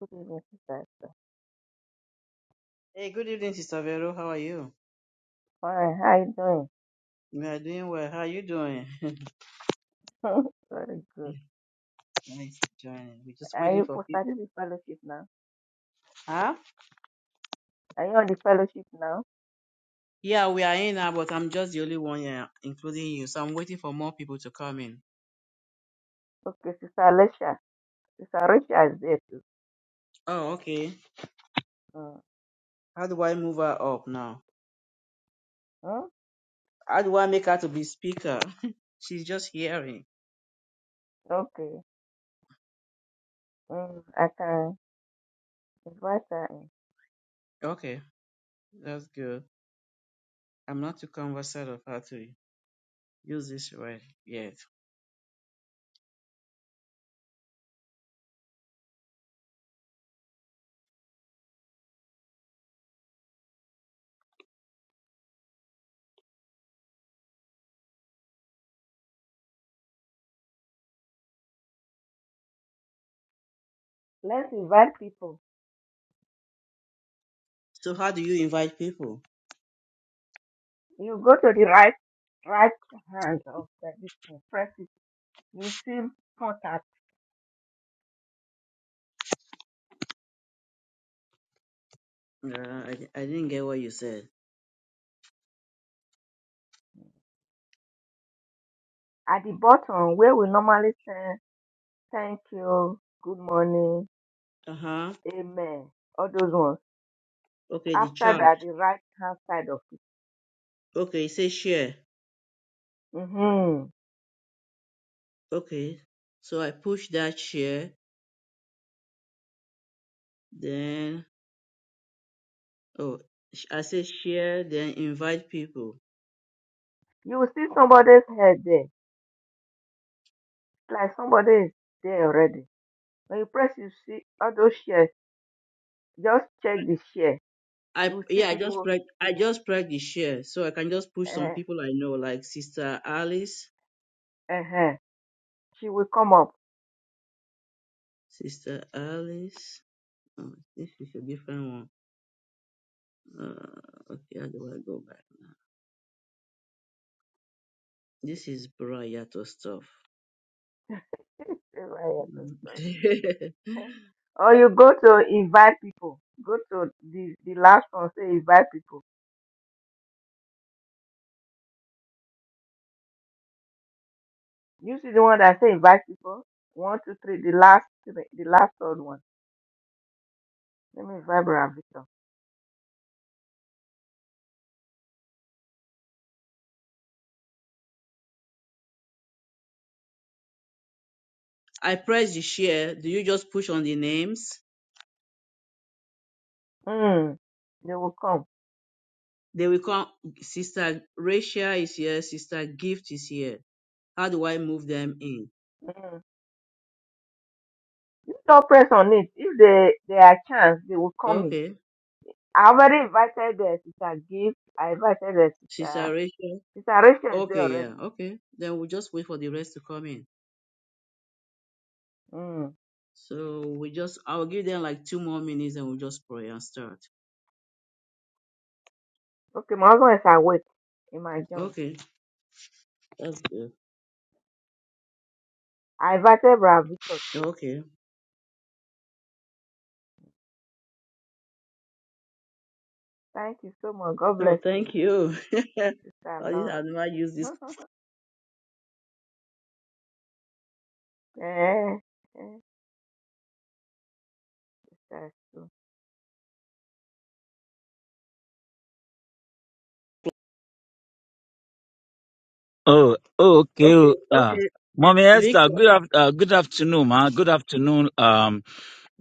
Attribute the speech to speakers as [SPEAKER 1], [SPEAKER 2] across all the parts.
[SPEAKER 1] Good evening, sister. Esther.
[SPEAKER 2] Hey, good evening, Sister Vero. How are you?
[SPEAKER 1] Fine. How you
[SPEAKER 2] We are doing well. How are you doing?
[SPEAKER 1] doing? Very good.
[SPEAKER 2] nice joining. We're just
[SPEAKER 1] Are
[SPEAKER 2] waiting
[SPEAKER 1] you
[SPEAKER 2] for
[SPEAKER 1] for
[SPEAKER 2] people.
[SPEAKER 1] starting the fellowship now?
[SPEAKER 2] Huh?
[SPEAKER 1] Are you on the fellowship now?
[SPEAKER 2] Yeah, we are in now, but I'm just the only one here, including you. So I'm waiting for more people to come in.
[SPEAKER 1] Okay, Sister Alicia. Sister Alicia is there too.
[SPEAKER 2] Oh, okay.
[SPEAKER 1] Mm.
[SPEAKER 2] How do I move her up now?
[SPEAKER 1] Mm?
[SPEAKER 2] How do I make her to be speaker? She's just hearing.
[SPEAKER 1] Okay. Mm. I can invite her in.
[SPEAKER 2] Okay, that's good. I'm not too conversant of how to use this right yet.
[SPEAKER 1] Let's invite people.
[SPEAKER 2] So how do you invite people?
[SPEAKER 1] You go to the right right hand of the this thing. Press it. You see contact
[SPEAKER 2] Uh, I, I didn't get what you said.
[SPEAKER 1] at the bottom where we normally say thank you, good morning,
[SPEAKER 2] Uh huh.
[SPEAKER 1] amen. All those ones
[SPEAKER 2] Okay, the
[SPEAKER 1] after
[SPEAKER 2] chat.
[SPEAKER 1] that the right hand side of it.
[SPEAKER 2] Okay, it says share.
[SPEAKER 1] hmm
[SPEAKER 2] Okay. So I push that share, then oh sh- I say share, then invite people.
[SPEAKER 1] You will see somebody's head there. It's like somebody is there already. When you press, you see all those shares. Just check the share. You
[SPEAKER 2] I
[SPEAKER 1] will see
[SPEAKER 2] yeah, I just
[SPEAKER 1] people.
[SPEAKER 2] press I just press the share. So I can just push some
[SPEAKER 1] Uh,
[SPEAKER 2] people I know, like Sister Alice.
[SPEAKER 1] uh, she will come up.
[SPEAKER 2] Sister Alice. Oh, this is a different one. Uh, okay, how do I go back? This is Brayato stuff. Mm.
[SPEAKER 1] or you go to invite people. Go to the, the last one, say invite people. You see the one that say invite people. One, two, three, the last three, the last third one. Let me invite Bravito.
[SPEAKER 2] I press the share. Do you just push on the names?
[SPEAKER 1] Mm, they will come.
[SPEAKER 2] They will come. Sister Rachel is here. Sister Gift is here. How do I move them in?
[SPEAKER 1] Mm. don't press on it. If they they are chance, they will come in.
[SPEAKER 2] Okay.
[SPEAKER 1] I already invited the sister Gift. I invited the
[SPEAKER 2] Sister
[SPEAKER 1] sister
[SPEAKER 2] Rachel.
[SPEAKER 1] sister Rachel is there
[SPEAKER 2] Okay, yeah.
[SPEAKER 1] already.
[SPEAKER 2] Okay. Then we'll just wait for the rest to come in.
[SPEAKER 1] Mm.
[SPEAKER 2] So we just, I'll give them like two more minutes and we'll just pray and start.
[SPEAKER 1] Okay, my husband is awake in my John.
[SPEAKER 2] Okay. That's good.
[SPEAKER 1] I invited Brother Victor too.
[SPEAKER 2] Okay.
[SPEAKER 1] Thank you so much. God
[SPEAKER 2] No,
[SPEAKER 1] bless you,
[SPEAKER 2] thank you.
[SPEAKER 1] sister
[SPEAKER 2] I did- I
[SPEAKER 1] Laura.
[SPEAKER 2] never use this.
[SPEAKER 1] eh, eh, sister Sue.
[SPEAKER 3] Oh, oh, okay.
[SPEAKER 2] Okay.
[SPEAKER 3] oh, Yeah.
[SPEAKER 2] Okay.
[SPEAKER 3] Mommy Esther,
[SPEAKER 2] Victor.
[SPEAKER 3] good af- uh, good afternoon, ma. Good afternoon. Um,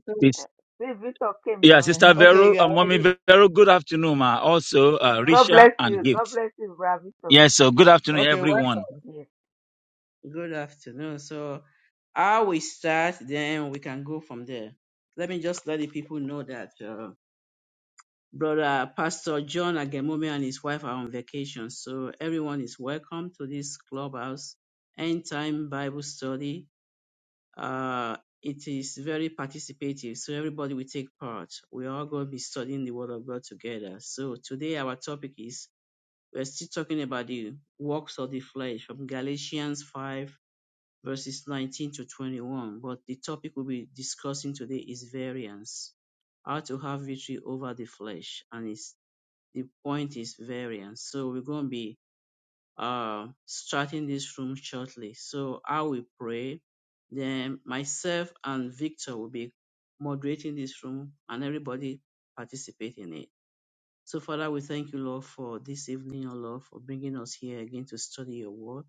[SPEAKER 2] so-
[SPEAKER 1] Eh,
[SPEAKER 3] it's,
[SPEAKER 1] See, Victor came
[SPEAKER 3] yeah,
[SPEAKER 1] now. eh.
[SPEAKER 3] Sister
[SPEAKER 1] eh.
[SPEAKER 2] Okay.
[SPEAKER 3] Vero,
[SPEAKER 2] You are
[SPEAKER 3] uh, Mommy
[SPEAKER 2] ready.
[SPEAKER 3] Vero, good afternoon, ma. Also, uh,
[SPEAKER 1] God
[SPEAKER 3] Risha
[SPEAKER 1] bless
[SPEAKER 3] and
[SPEAKER 1] you. God
[SPEAKER 3] Gift.
[SPEAKER 1] bless you, Brother Victor.
[SPEAKER 3] Yes, so good afternoon,
[SPEAKER 2] Okay.
[SPEAKER 3] everyone.
[SPEAKER 1] Yes.
[SPEAKER 2] Good afternoon. So I will start, then we can go from there. Let me just let the people know that uh, Brother Pastor John Agemome and his wife are on vacation. So everyone is welcome to this clubhouse end time Bible study. Uh, it is very participative, so everybody will take part. We are all going to be studying the Word of God together. So today our topic is we're still talking about the works of the flesh from Galatians 5 verses 19 to 21. But the topic we'll be discussing today is variance. How to have victory over the flesh. And it's, the point is variance. So we're going to be uh, starting this room shortly. So I will pray. Then myself and Victor will be moderating this room and everybody participate in it. So Father, we thank you, Lord, for this evening, O Lord, for bringing us here again to study your word.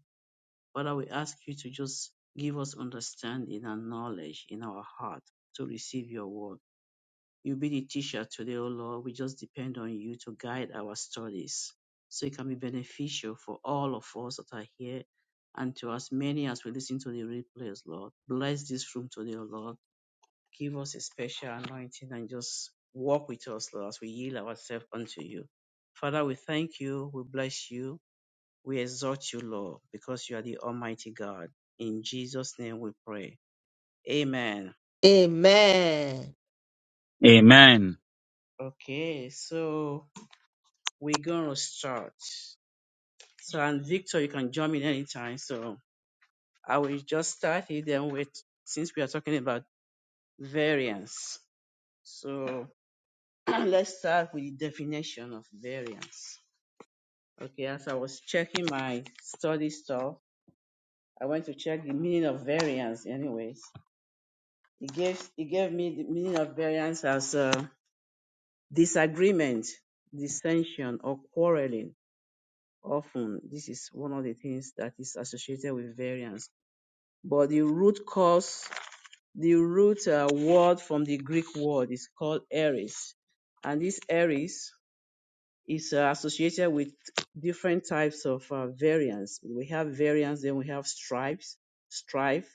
[SPEAKER 2] Father, we ask you to just give us understanding and knowledge in our heart to receive your word. You be the teacher today, O Lord. We just depend on you to guide our studies so it can be beneficial for all of us that are here and to as many as we listen to the replays, Lord. Bless this room today, O Lord. Give us a special anointing and just walk with us, Lord, as we yield ourselves unto you. Father, we thank you. We bless you. We exalt you, Lord, because you are the Almighty God. In Jesus' name we pray. Amen.
[SPEAKER 1] Amen.
[SPEAKER 3] Amen.
[SPEAKER 2] Okay, so we're going to start. So, and Victor, you can jump in anytime. So, I will just start it then with, since we are talking about variance. So, let's start with the definition of variance. Okay, as I was checking my study stuff, I went to check the meaning of variance, anyways. It gave, it gave me the meaning of variance as. Uh, disagreement, dissension, or quarreling. Often, this is one of the things that is associated with variance. But the root cause, the root uh, word from the Greek word is called eris, and this eris is uh, associated with different types of uh, variance. We have variance, then we have stripes, strife,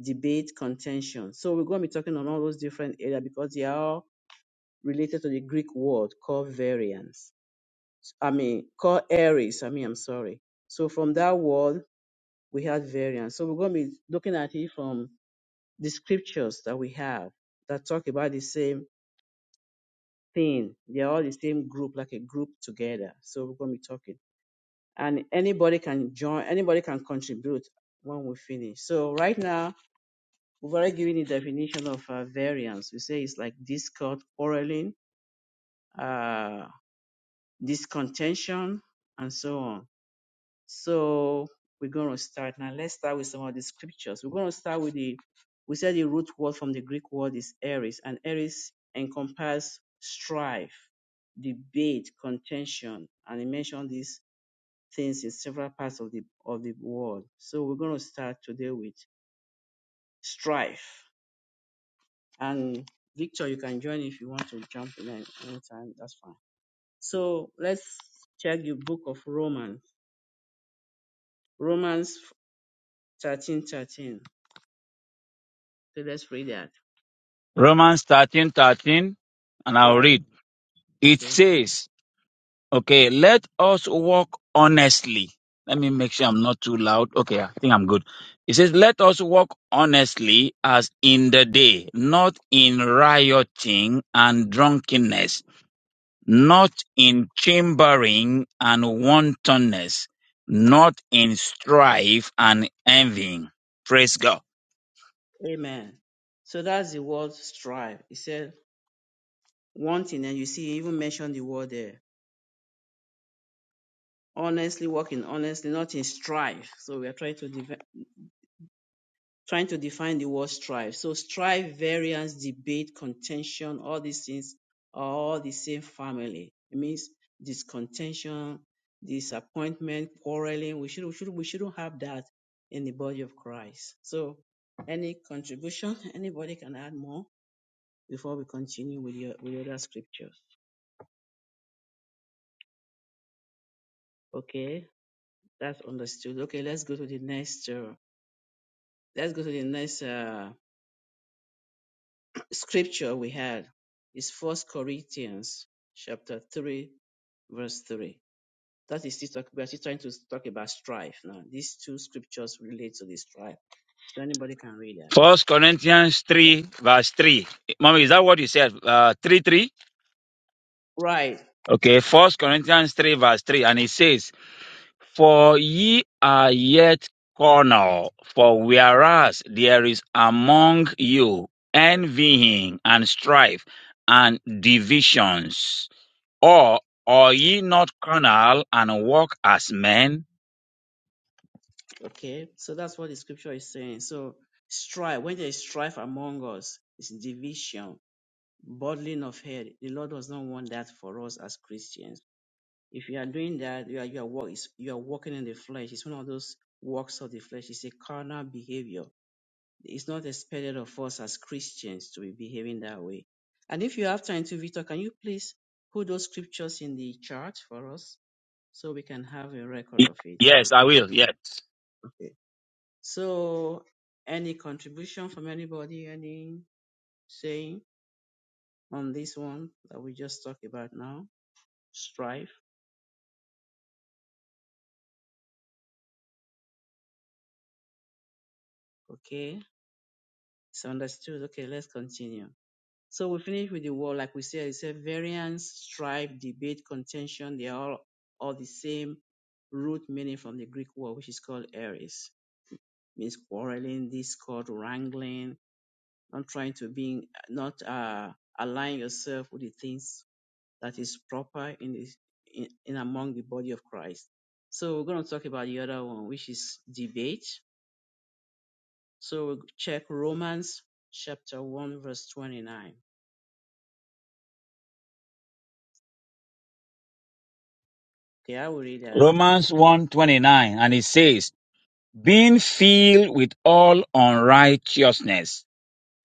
[SPEAKER 2] debate, contention. So we're going to be talking on all those different areas because they are all related to the Greek word called variance. I mean, called Aries. I mean, I'm sorry. So from that word, we had variants. So we're going to be looking at it from the scriptures that we have that talk about the same thing. They're all the same group, like a group together. So we're going to be talking. And anybody can join, anybody can contribute when we finish. So right now, we've already given the definition of uh, variance. We say it's like discord, quarreling, uh, discontention, and so on. So we're going to start now. Let's start with some of the scriptures. We're going to start with the, we said the root word from the Greek word is eris, and eris encompasses strife, debate, contention, and he mentioned these things in several parts of the of the world. So we're going to start today with strife. And Victor, you can join if you want to jump in at any time. That's fine. So let's check the book of Romans. Romans thirteen thirteen. So let's read that.
[SPEAKER 3] Romans thirteen thirteen, and I'll
[SPEAKER 2] Right.
[SPEAKER 3] read. It
[SPEAKER 2] Okay.
[SPEAKER 3] says, Okay, let us walk honestly. Let me make sure I'm not too loud. Okay, I think I'm good. It says, let us walk honestly as in the day, not in rioting and drunkenness, not in chambering and wantonness, not in strife and envying. Praise God.
[SPEAKER 2] Amen. So that's the word strive. It said wanting, and you see, he even mentioned the word there. Honestly, working honestly, not in strife. So we are trying to defi- trying to define the word strive. So strive, variance, debate, contention, all these things are all the same family. It means discontention, disappointment, quarreling. We should we should we shouldn't have that in the body of Christ. So any contribution, anybody can add more. before we continue with your with other scriptures. Okay, that's understood. Okay, let's go to the next. Uh, let's go to the next uh, scripture we had. Is First Corinthians chapter three, verse three. That is still talk, we are still trying to talk about strife now. These two scriptures relate to the strife, so anybody can read that.
[SPEAKER 3] First Corinthians
[SPEAKER 2] But-
[SPEAKER 3] 3 verse 3. Mommy, is that what you said? Uh, 3 3?
[SPEAKER 2] Right.
[SPEAKER 3] Okay, First Corinthians 3 verse 3. And it says, For ye are yet carnal, for whereas there is among you envying and strife and divisions, or are ye not carnal and walk as men?
[SPEAKER 2] Okay. So that's what the scripture is saying. So strife. When there is strife among us, it's division Bottling of head. The Lord does not want that for us as Christians. If you are doing that, you are you are, walk, it's- you are walking in the flesh. It's one of those works of the flesh. It's a carnal behavior. It's not expected of us as Christians to be behaving that way. And if you have time to, Victor, can you please put those scriptures in the chart for us so we can have a record of it?
[SPEAKER 3] Yes, I will, yes.
[SPEAKER 2] Okay. So, any contribution from anybody? Any saying on this one that we just talked about now? strife. Okay, it's understood. Okay, let's continue. So we finish with the word, like we said, it's a variance, strife, debate, contention. They are all, all the same root meaning from the Greek word, which is called eris, means quarreling, discord, wrangling, not trying to be, not uh, align yourself with the things that is proper in the in, in among the body of Christ. So we're going to talk about the other one, which is debate So we check Romans chapter 1 verse 29. Okay, I will read that.
[SPEAKER 3] Romans one twenty nine, and it says, being filled with all unrighteousness,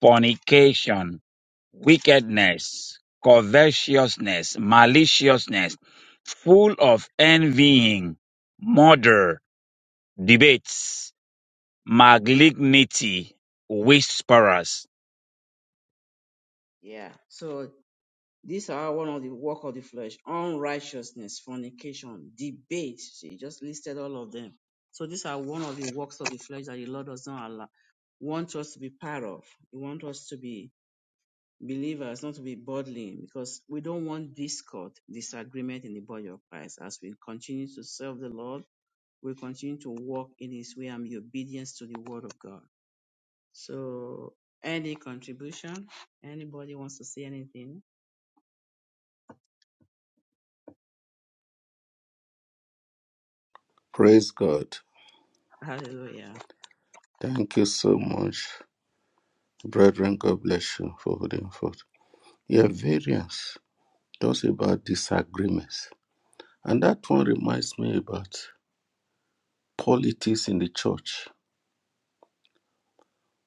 [SPEAKER 3] fornication, wickedness, covetousness, maliciousness, full of envying, murder, debates, malignity, whisperers.
[SPEAKER 2] Yeah. So these are one of the work of the flesh, unrighteousness, fornication, debate. She just listed all of them. So these are one of the works of the flesh that the Lord does not allow, want us to be part of. He wants us to be believers, not to be bodily, because we don't want discord, disagreement in the body of Christ. As we continue to serve the Lord, we continue to walk in His way and be obedient to the word of God. So, any contribution? Anybody wants to say anything?
[SPEAKER 4] Praise God.
[SPEAKER 2] Hallelujah.
[SPEAKER 4] Thank you so much, brethren. God bless you for holding forth. Your variance talks about disagreements. And that one reminds me about politics in the church,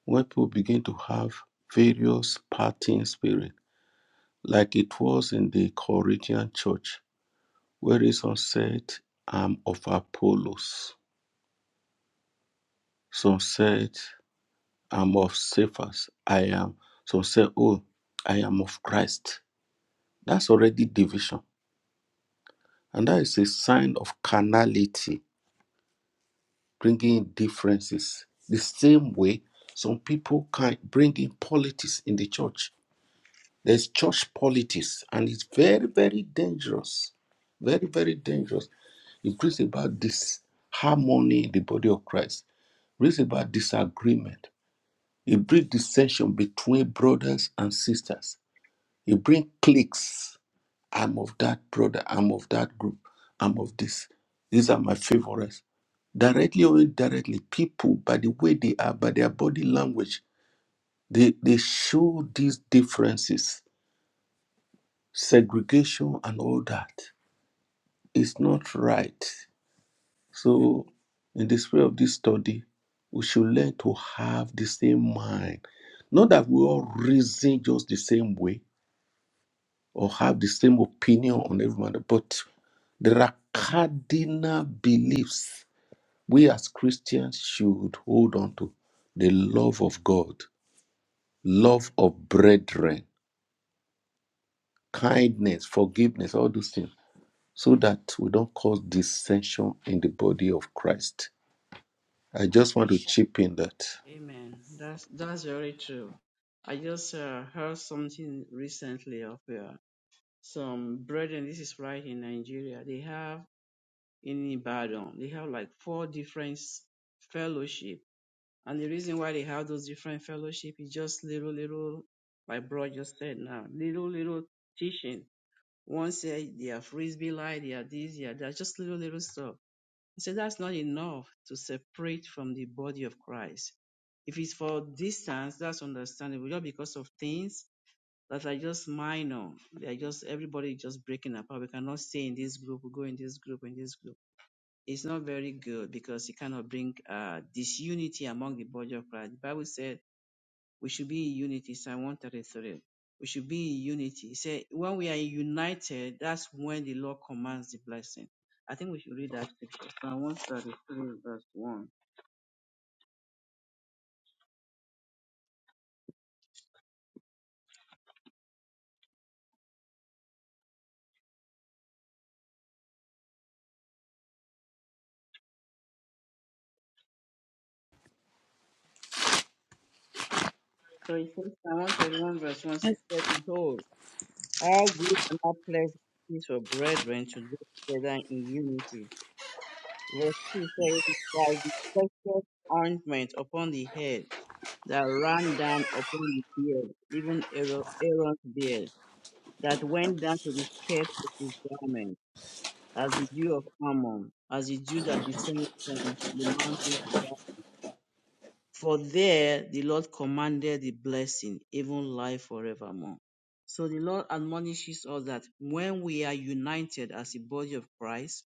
[SPEAKER 4] when people begin to have various partying spirit, like it was in the Corinthian church, where some said, I'm of Apollos. Some said, I'm of Cephas. I am. Some said, Oh, I am of Christ. That's already division. And that is a sign of carnality, bringing in differences. The same way some people can bring in politics in the church. There's church politics, and it's very, very dangerous. Very, very dangerous. It brings about disharmony in the body of Christ, brings about disagreement. It brings dissension between brothers and sisters. It brings cliques I'm of that brother, I'm of that group, I'm of this. These are my favorites. Directly or indirectly, people, by the way they are, by their body language, they, they show these differences, segregation and all that. It's not right. So, in the spirit of this study, we should learn to have the same mind. Not that we all reason just the same way, or have the same opinion on everyone, but there are cardinal beliefs we as Christians should hold on to the love of God,
[SPEAKER 2] Yeah.
[SPEAKER 4] love of brethren, kindness, forgiveness, all those things, so that we don't cause dissension in the body of Christ. I just want to chip in that.
[SPEAKER 2] Amen. That's that's very true. I just uh, heard something recently of uh, some brethren. This is right in Nigeria. They have in Ibadan. They have like four different s- fellowship, and the reason why they have those different fellowship is just little little. My brother just said now, little little teaching One said they are frisbee light, they are this, they are that, just little, little stuff. I said that's not enough to separate from the body of Christ. If it's for distance, that's understandable. Just because of things that are just minor, they are just everybody is just breaking apart. We cannot stay in this group, we go in this group, in this group. It's not very good because it cannot bring uh, disunity among the body of Christ. The Bible said we should be in unity, Psalm 133. We should be in unity. He said, when we are united, that's when the Lord commands the blessing. I think we should read that scripture, Psalm 133, verse 1. So it says, Psalm 131, verse 1 It
[SPEAKER 5] Yes,
[SPEAKER 2] says, Behold, how good and how pleasant it is for brethren to dwell together in unity. Verse 2 says, "It's like the precious ointment upon the head that ran down upon the beard, even Aaron- Aaron's beard. that went down to the skirt of his garment, as the dew of Ammon, as the dew that descended from the mountain of God. For there the Lord commanded the blessing, even life forevermore. So the Lord admonishes us that when we are united as the body of Christ,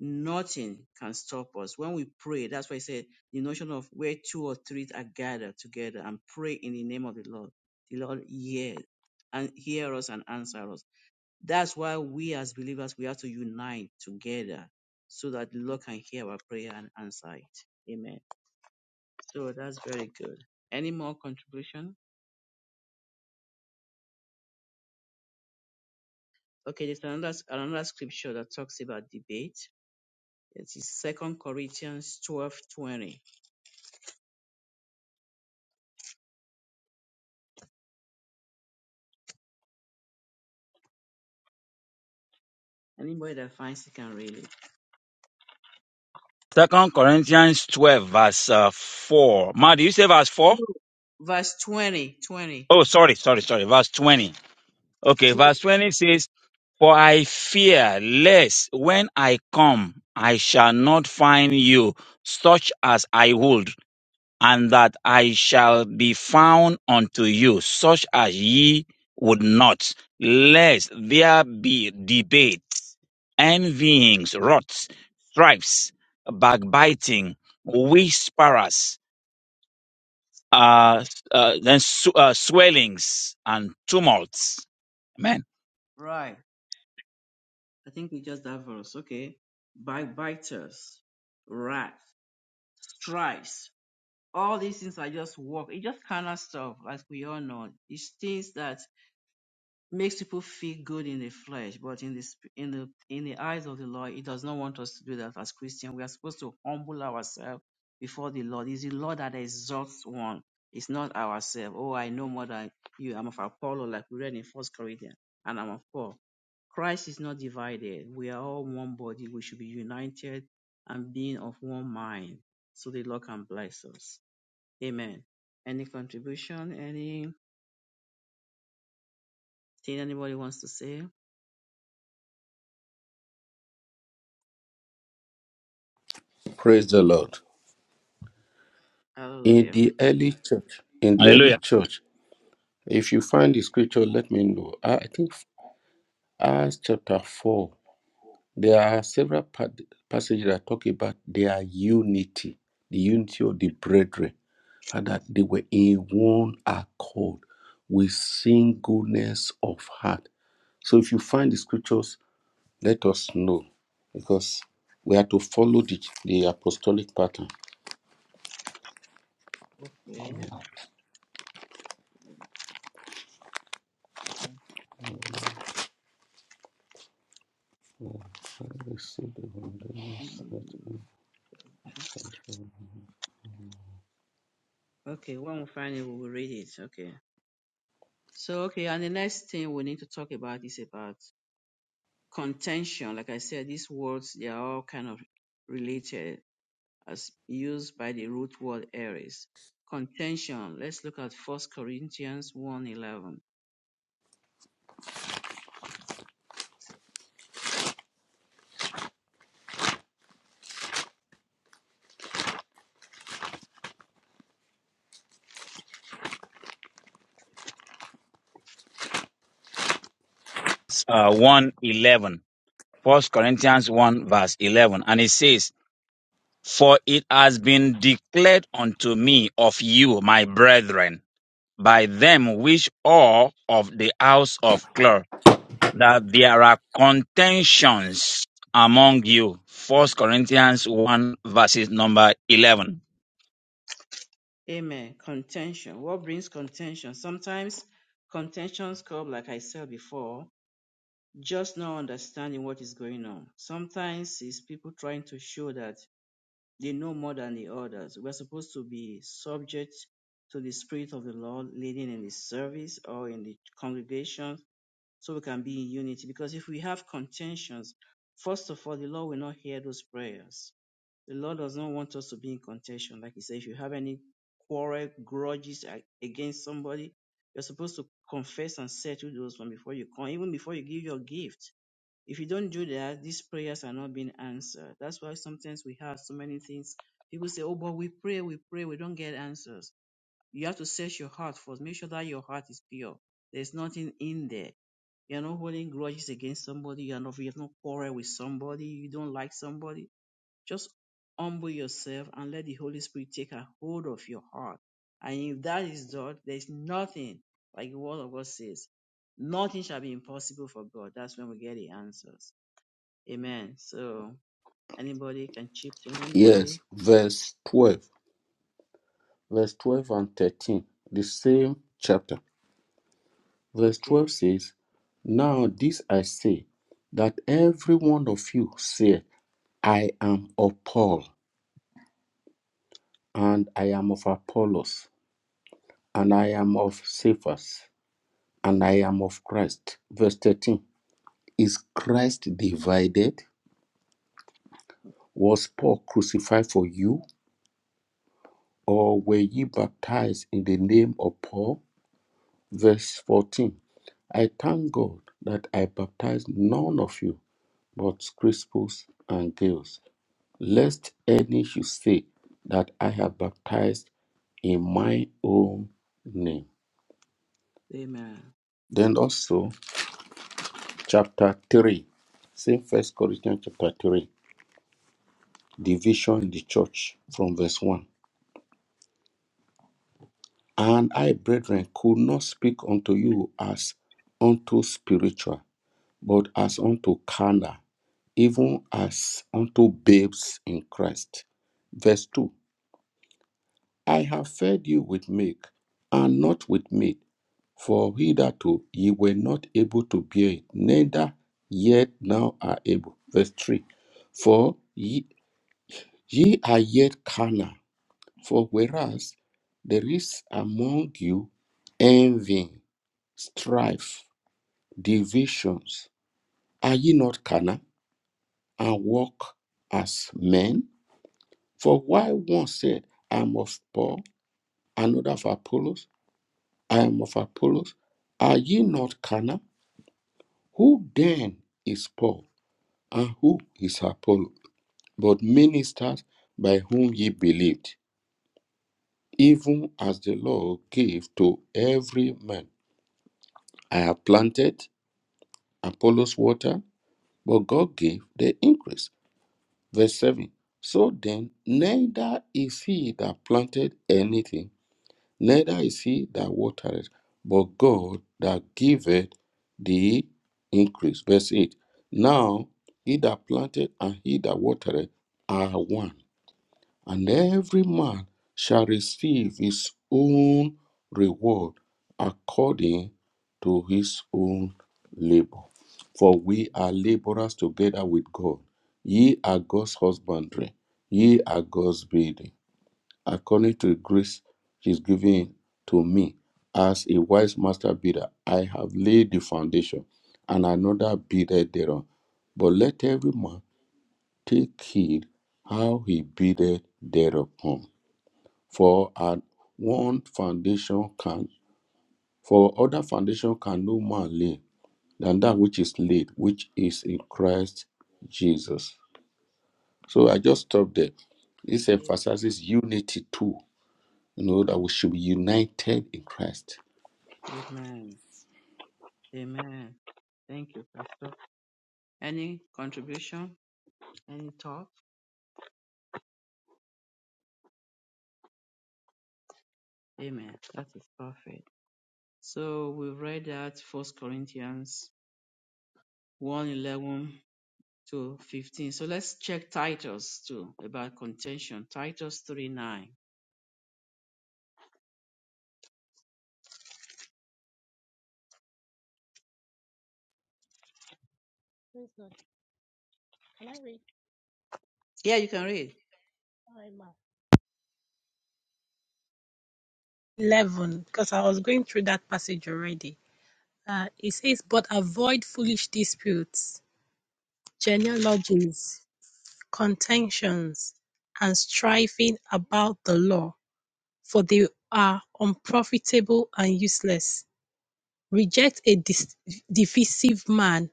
[SPEAKER 2] nothing can stop us. When we pray, that's why I said the notion of where two or three are gathered together and pray in the name of the Lord. The Lord hears and hear us and answer us. That's why we as believers, we have to unite together so that the Lord can hear our prayer and answer it. Amen. So that's very good. Any more contribution? Okay, there's another, another scripture that talks about debate. It is Second Corinthians twelve twenty. Anybody that finds it can read it.
[SPEAKER 3] Second Corinthians 12, verse uh, 4. Ma, do you say verse 4?
[SPEAKER 2] No. Verse twenty twenty.
[SPEAKER 3] Oh, sorry, sorry, sorry. Verse 20. Okay, verse 20 says, For I fear lest when I come, I shall not find you such as I would and that I shall be found unto you, such as ye would not, lest there be debates, envyings, wraths, strifes, backbiting, whisperers, uh, uh, then s- uh, swellings and tumults. Amen.
[SPEAKER 2] Right. I think we just that verse. Okay. By biters, wrath, strifes, all these things are just work. It's just carnal stuff, as we all know. It's things that makes people feel good in the flesh, but in the sp- in the in the eyes of the Lord, He does not want us to do that as Christians. We are supposed to humble ourselves before the Lord. It's the Lord that exalts one. It's not ourselves. Oh, I know more than you. I'm of Apollo, like we read in First Corinthians, and I'm of Paul. Christ is not divided. We are all one body. We should be united and being of one mind, so the Lord can bless us. Amen. Any contribution? Anything anybody wants to say?
[SPEAKER 4] Praise the Lord. In
[SPEAKER 2] Hallelujah.
[SPEAKER 4] the early church, in the early
[SPEAKER 3] Hallelujah.
[SPEAKER 4] church, if you find the scripture, let me know. I I think Acts chapter 4 There are several pa- passages that talk about their unity, the unity of the brethren, and that they were in one accord with singleness of heart. So if you find the scriptures, let us know because we are to follow the, the apostolic pattern.
[SPEAKER 2] Okay. Mm. Okay, when we find it, we will read it. Okay. So, okay, and the next thing we need to talk about is about contention. Like I said, these words, they are all kind of related as used by the root word Aries. Contention. Let's look at First Corinthians one eleven.
[SPEAKER 3] Uh, 111. eleven. First Corinthians 1 verse 11. And it says, For it has been declared unto me of you, my brethren by them which are of the house of Clor, that there are contentions among you. First Corinthians 1 verses number 11.
[SPEAKER 2] Amen. Contention. What brings contention? Sometimes contentions come, like I said before, just not understanding what is going on. Sometimes it's people trying to show that they know more than the others. We're supposed to be subject to the Spirit of the Lord leading in the service or in the congregation so we can be in unity. Because if we have contentions, first of all, the Lord will not hear those prayers the Lord does not want us to be in contention. Like He said, if you have any quarrel, grudges a- against somebody, you're supposed to confess and settle those from before you come, even before you give your gift. If you don't do that, these prayers are not being answered. That's why sometimes we have so many things. People say, Oh, but we pray, we pray, we don't get answers. You have to search your heart first. Make sure that your heart is pure. There's nothing in there. You're not holding grudges against somebody. You're not, you have no quarrel with somebody. You don't like somebody just humble yourself and let the Holy Spirit take a hold of your heart. And if that is done, there's nothing, like the word of God says, nothing shall be impossible for God. That's when we get the answers. Amen. So anybody can chip in,
[SPEAKER 4] Yes,
[SPEAKER 2] anybody?
[SPEAKER 4] verse 12, verse 12 and 13, the same chapter. Verse 12
[SPEAKER 2] Okay.
[SPEAKER 4] says, Now this I say, that every one of you saith, I am of Paul, and I am of Apollos, and I am of Cephas, and I am of Christ. Verse 13 Is Christ divided? Was Paul crucified for you? Or were ye baptized in the name of Paul? Verse 14 I thank God that I baptized none of you but Crispus and Gaius lest any should say that I have baptized in my own name.
[SPEAKER 2] Amen.
[SPEAKER 4] Then also, chapter 3, same First Corinthians chapter 3, division in the church from verse 1. And I, brethren, could not speak unto you as unto spiritual, but as unto carnal, even as unto babes in Christ. Verse 2 I have fed you with milk and not with meat For hitherto ye were not able to bear it, neither yet now are able. Verse 3 For ye, ye are yet carnal. For whereas there is among you envy, strife, divisions, are ye not carnal and walk as men? For why one said, I am of Paul, another of Apollos, I am of Apollos, are ye not carnal? Who then is Paul? and who is Apollo, but ministered by whom ye believed, even as the Lord gave to every man. I have planted Apollos water, but God gave the increase. Verse 7 So then, neither is he that planted anything, neither is he that watered, but God that giveth the increase. Verse 8 Now he that planted and he that watered are one and every man shall receive his own reward according to his own labor. For we are laborers together with God. Ye are God's husbandry, ye are God's building, according to the grace which is given to me. As a wise master builder, I have laid the foundation, and another builded thereon. But let every man take heed how he buildeth thereupon. For at one foundation can for other foundation can no man lay than that which is laid, which is in Christ Jesus. So I just stop there. This
[SPEAKER 2] Amen.
[SPEAKER 4] emphasizes unity too. You know that we should be united in Christ.
[SPEAKER 2] Amen. Amen. Thank you, Pastor. Any contribution? Any thought? Amen. That is perfect. So we read that First Corinthians one eleven. to 15. So let's check Titus too about contention. Titus 3 9.
[SPEAKER 5] praise God. Can I read
[SPEAKER 2] Yeah, you can read.
[SPEAKER 5] Sorry, 11? Because I was going through that passage already. Uh, it says, But avoid foolish disputes, genealogies, contentions, and striving about the law, for they are unprofitable and useless. Reject a dis- divisive man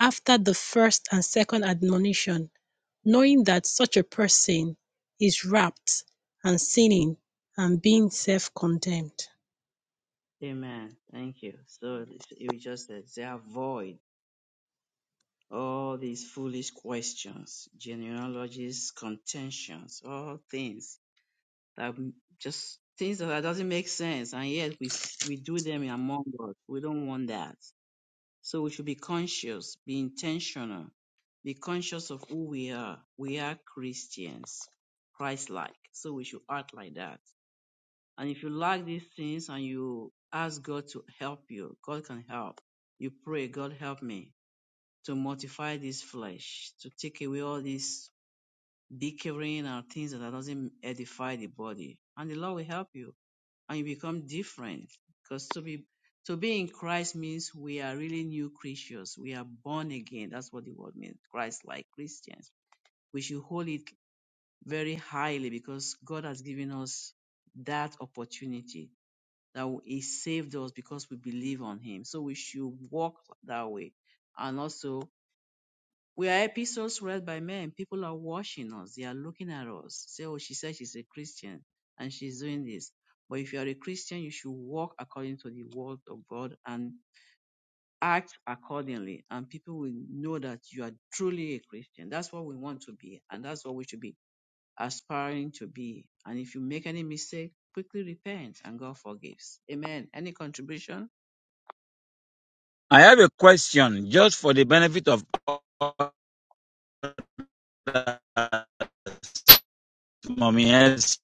[SPEAKER 5] after the first and second admonition knowing that such a person is wrapped and sinning and being self condemned.
[SPEAKER 2] Amen. Thank you. So you just said they avoid all these foolish questions, genealogies, contentions, all things that just things that doesn't make sense, and yet we s- we do them among us. We don't want that. So we should be conscious, be intentional, be conscious of who we are. We are Christians, Christ like. So we should act like that. And if you lack these things and you ask God to help you, God can help. You pray, God help me to mortify this flesh, to take away all these bickering and things that doesn't edify the body. And the Lord will help you and you become different. Because to be to be in Christ means we are really new creatures. We are born again. That's what the word means. Christ like Christians. We should hold it very highly because God has given us that opportunity. That He saved us because we believe on Him. So we should walk that way. And also we are epistles read by men. People are watching us. They are looking at us. Say, oh, she said she's a Christian and she's doing this. But if you are a Christian, you should walk according to the word of God and act accordingly. And people will know that you are truly a Christian. That's what we want to be. And that's what we should be aspiring to be. And if you make any mistake, quickly repent and God forgives. Amen. Any contribution?
[SPEAKER 3] I have a question just for the benefit of others, Mommy Elsie,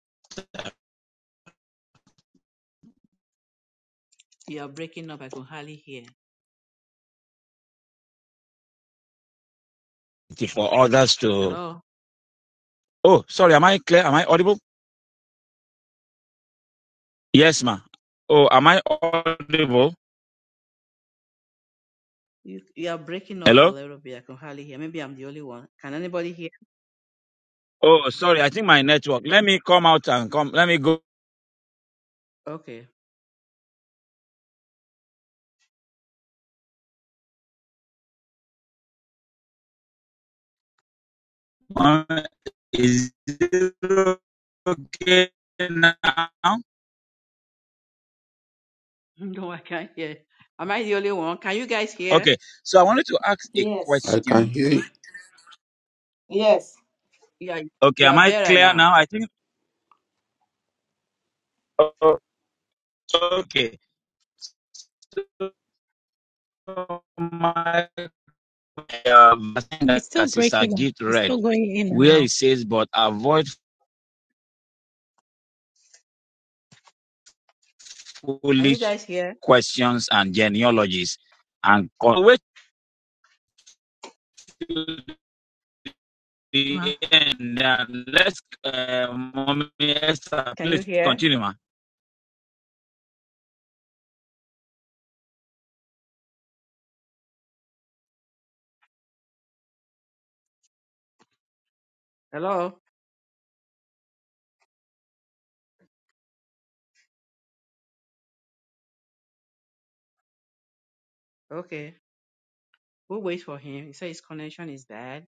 [SPEAKER 2] You are breaking up. I can hardly hear.
[SPEAKER 3] for others to.
[SPEAKER 2] Hello?
[SPEAKER 3] Oh, sorry, am I clear? Am I audible? Yes, ma. Oh, am I audible?
[SPEAKER 2] You, you are breaking up a
[SPEAKER 3] Hello?
[SPEAKER 2] little bit. I can hardly hear. Maybe I'm the only one. Can anybody hear?
[SPEAKER 3] Oh, sorry, I think my network. Let me come out and come. Let me go
[SPEAKER 2] Okay.
[SPEAKER 3] Uh, is it okay now?
[SPEAKER 2] No, I can't hear. Am I the only one? Can you guys hear?
[SPEAKER 3] Okay, so I wanted to ask a
[SPEAKER 4] Yes. I can
[SPEAKER 3] question.
[SPEAKER 4] hear you. Yes.
[SPEAKER 2] Yeah,
[SPEAKER 3] Okay,
[SPEAKER 2] you
[SPEAKER 3] am
[SPEAKER 2] are
[SPEAKER 3] I
[SPEAKER 2] better
[SPEAKER 3] clear
[SPEAKER 2] now.
[SPEAKER 3] now? I think. oh, Okay, so my uh, verse that
[SPEAKER 5] It's still
[SPEAKER 3] Sister
[SPEAKER 5] breaking up.
[SPEAKER 3] Git
[SPEAKER 5] It's
[SPEAKER 3] read,
[SPEAKER 5] still going in and
[SPEAKER 3] where it
[SPEAKER 5] out.
[SPEAKER 3] says, "But avoid
[SPEAKER 2] Can you
[SPEAKER 3] foolish
[SPEAKER 2] guys hear?
[SPEAKER 3] questions and genealogies, and con- wait to
[SPEAKER 5] Ma.
[SPEAKER 3] the end." And let's, uh, mommy Esther,
[SPEAKER 2] Can you
[SPEAKER 3] please
[SPEAKER 2] hear?
[SPEAKER 3] continue, ma.
[SPEAKER 2] Hello? Okay. We'll wait for him. He said his connection is bad.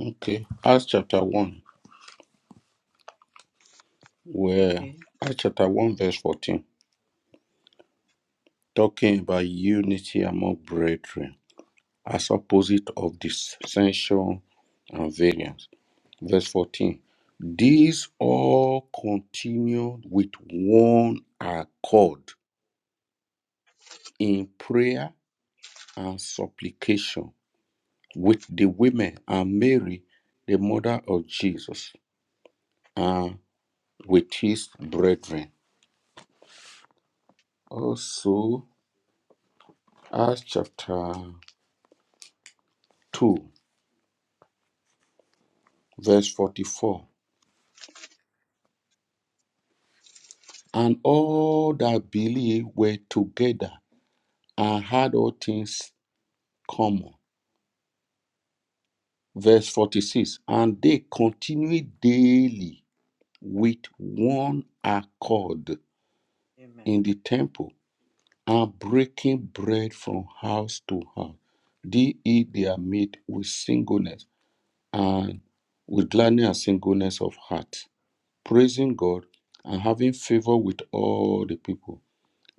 [SPEAKER 4] Okay. Acts chapter one, where
[SPEAKER 2] Okay.
[SPEAKER 4] Acts chapter one verse fourteen, talking about unity among brethren as opposite of dissension and variance. Verse 14. These all continued with one accord in prayer and supplication with the women and Mary, the mother of Jesus, and with his brethren. Also, Acts chapter 2, verse 44. And all that believed were together and had all things common. Verse 46. And they continued daily with one accord
[SPEAKER 2] Amen.
[SPEAKER 4] in the temple and breaking bread from house to house. They eat their meat with singleness and with gladness and singleness of heart, praising God and having favor with all the people.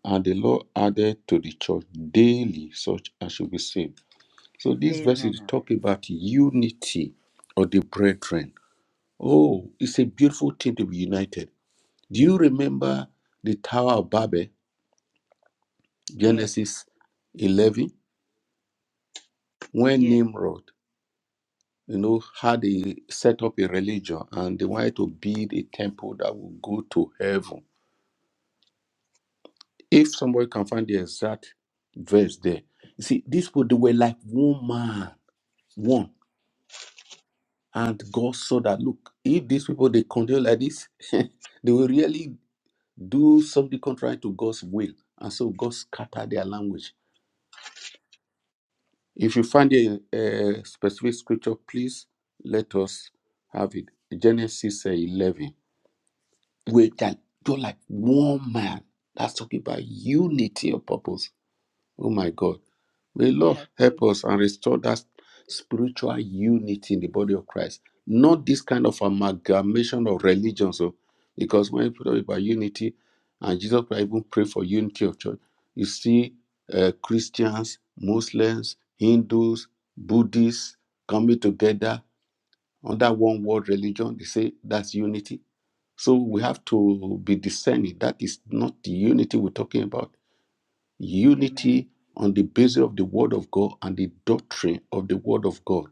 [SPEAKER 4] And the Lord added to the church daily such as should be saved. So these verses
[SPEAKER 2] Amen.
[SPEAKER 4] talk about unity of the brethren. Oh, it's a beautiful thing to be united Do you remember the Tower of Babel,
[SPEAKER 2] Yes.
[SPEAKER 4] Genesis 11, when
[SPEAKER 2] Yes.
[SPEAKER 4] Nimrod, you know, had a, set up a religion and they wanted to build a temple that would go to heaven? If somebody can find the exact verse there, you see, these people they were like one man, one, and God saw that. Look, if these people they continue like this, they will really do something contrary to God's will, and so God scattered their language If you find a, a specific scripture, please let us have it. Genesis uh, 11. We're, that, you're like one man. That's talking about unity of purpose. Oh my God. May Lord
[SPEAKER 2] Yeah. So,
[SPEAKER 4] help us and restore that spiritual unity in the body of Christ. Not this kind of amalgamation of religions. So, because when you talk about unity, and Jesus Christ even prayed for unity of church, you see uh, Christians, Muslims, Hindus, Buddhists coming together under one world religion. They say that's unity. So we have to be discerning. That is not the unity we're talking about
[SPEAKER 2] amen.
[SPEAKER 4] unity on the basis of the word of God and the doctrine of the word of God.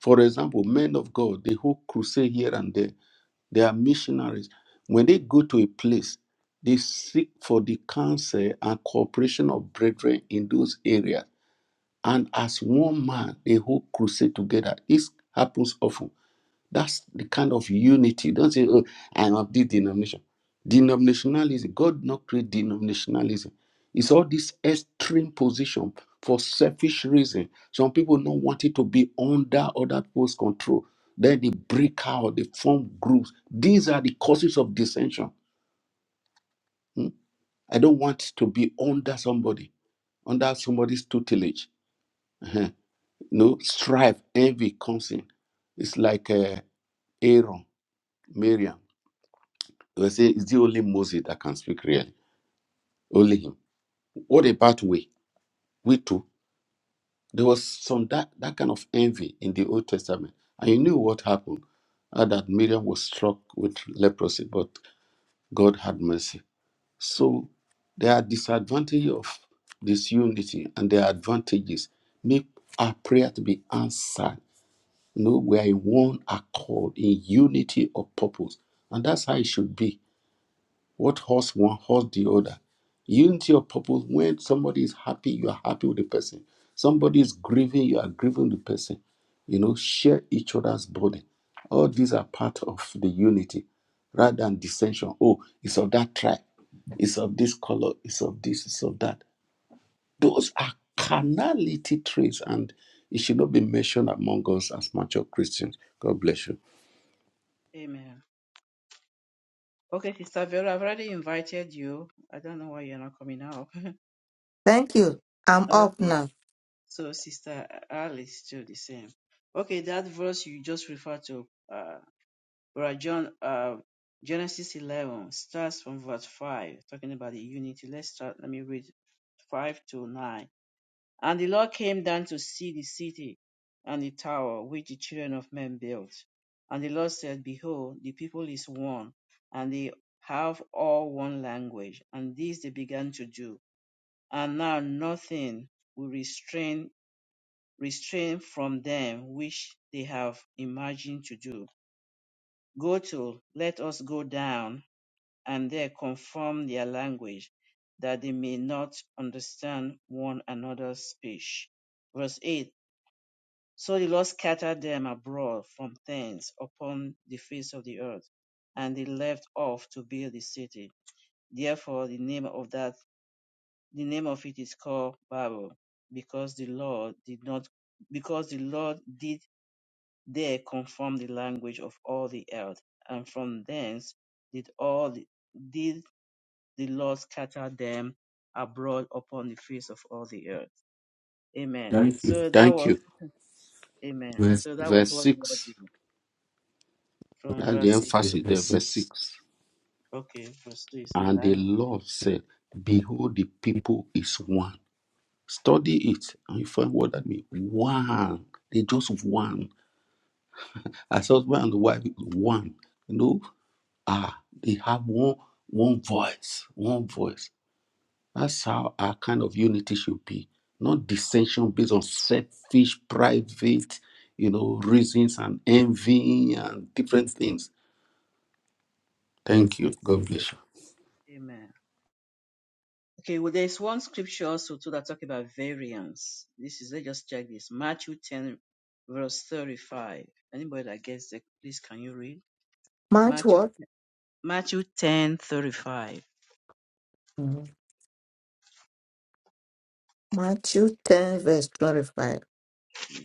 [SPEAKER 4] For example, men of God, they who crusade here and there, they are missionaries. When they go to a place, they seek for the counsel and cooperation of brethren in those areas. And as one man, they who crusade together. This happens often that's the kind of unity. Don't say, oh, I'm of this denomination. Denominationalism, God not create denominationalism. It's all this extreme position for selfish reason. Some people don't want it to be under other people's control. Then they break out, they form groups. These are the causes of dissension. Hmm? I don't want to be under somebody, under somebody's tutelage. Uh-huh. No strife, envy comes in. It's like uh, Aaron, Miriam. They say, it's the only Moses that can speak really? Only him. What about we? We too. There was some that, that kind of envy in the Old Testament. And you knew what happened. uh, that Miriam was struck with leprosy, but God had mercy. So there are disadvantages of this unity and there are advantages. Make our prayer to be answered. You know, we are in one accord, in unity of purpose. And that's how it should be What horse one, horse the other. Unity of purpose. When somebody is happy, you are happy with the person. Somebody is grieving, you are grieving with the person. You know, share each other's burden. All these are part of the unity rather than dissension. Oh, it's of that tribe, it's of this color, it's of this, it's of that. Those are carnality traits, and it should not be mentioned among us as mature Christians. God bless you.
[SPEAKER 2] Amen. Okay, Sister Vera, I've already invited you. I don't know why you're not coming up.
[SPEAKER 1] Thank you. I'm up
[SPEAKER 2] Okay.
[SPEAKER 1] now.
[SPEAKER 2] So Sister Alice do the same. Okay, that verse you just referred to, uh, Brother John, uh, Genesis 11 starts from verse 5, talking about the unity. Let's start. Let me read 5 to 9. And the Lord came down to see the city and the tower which the children of men built. And the Lord said, Behold, the people is one, and they have all one language. And this they began to do. And now nothing will restrain restrain from them which they have imagined to do. Go to, let us go down, and there confirm their language, that they may not understand one another's speech. Verse 8 So the Lord scattered them abroad from thence upon the face of the earth, and they left off to build the city. Therefore the name of that the name of it is called Babel, because the Lord did not because the Lord did There confirmed the language of all the earth, and from thence did all the, did the Lord scatter them abroad upon the face of all the earth. Amen.
[SPEAKER 1] Thank
[SPEAKER 2] So that
[SPEAKER 4] Thank
[SPEAKER 2] was
[SPEAKER 4] you.
[SPEAKER 2] Amen.
[SPEAKER 1] you.
[SPEAKER 2] So that was
[SPEAKER 4] Verse
[SPEAKER 2] what the Lord
[SPEAKER 4] 6.
[SPEAKER 2] did from
[SPEAKER 4] That's the
[SPEAKER 2] verse six.
[SPEAKER 4] emphasis there, verse 6.
[SPEAKER 2] Okay, verse two is the
[SPEAKER 4] And the
[SPEAKER 2] language.
[SPEAKER 4] Lord said, Behold, the people is one. Study it and you find what that means. One. They just one. As husband and wife, one. You know, ah, they have one one voice. One voice. That's how our kind of unity should be. Not dissension based on selfish, private, you know, reasons and envy and different things. Thank you. God bless you.
[SPEAKER 2] Amen. Okay, well, there's one scripture also too that talk about variance. This is let's just check this. Matthew ten verse thirty-five. Anybody that gets it, please can you read?
[SPEAKER 1] March
[SPEAKER 2] Matthew
[SPEAKER 1] what?
[SPEAKER 2] Matthew ten thirty-five.
[SPEAKER 1] Mhm. Matthew 10, verse 25.
[SPEAKER 2] Yeah.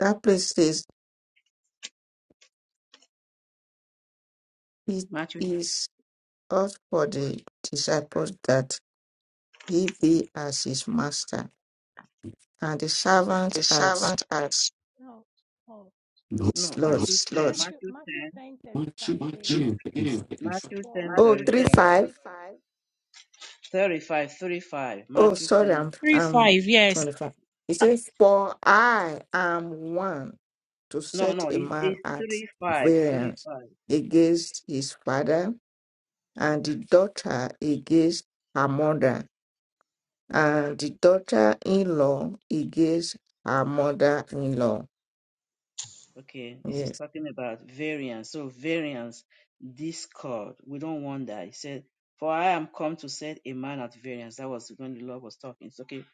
[SPEAKER 1] That place says, It
[SPEAKER 2] Matthew,
[SPEAKER 1] is us for the disciples that he be as his master, and the servant as
[SPEAKER 5] No. Oh,
[SPEAKER 1] No. his
[SPEAKER 2] no,
[SPEAKER 1] Lord.
[SPEAKER 2] Matthew
[SPEAKER 5] no.
[SPEAKER 2] 10,
[SPEAKER 5] Matthew, Matthew ten thirty-five
[SPEAKER 1] Matthew
[SPEAKER 5] says, Matthew.
[SPEAKER 1] 10, 25.
[SPEAKER 2] Matthew
[SPEAKER 5] For
[SPEAKER 2] 10,
[SPEAKER 1] Oh, three
[SPEAKER 5] 10.
[SPEAKER 2] 35.
[SPEAKER 1] five.
[SPEAKER 2] thirty-five, thirty-five,
[SPEAKER 1] Oh,
[SPEAKER 2] Matthew
[SPEAKER 1] sorry,
[SPEAKER 2] 10.
[SPEAKER 1] I'm,
[SPEAKER 5] Three
[SPEAKER 1] I'm
[SPEAKER 5] five, yes.
[SPEAKER 1] 25. It says, For I am one. to
[SPEAKER 2] No,
[SPEAKER 1] set
[SPEAKER 2] no,
[SPEAKER 1] a
[SPEAKER 2] it,
[SPEAKER 1] man
[SPEAKER 2] it's
[SPEAKER 1] at
[SPEAKER 2] 35, 35.
[SPEAKER 1] variance against his father, and the
[SPEAKER 2] Okay,
[SPEAKER 1] daughter against her mother, and the daughter in law against her mother in law.
[SPEAKER 2] okay, this is
[SPEAKER 1] Yes.
[SPEAKER 2] talking about variance. So, variance, discord. We don't want that. He said, For I am come to set a man at variance. That was when the Lord was talking. It's okay,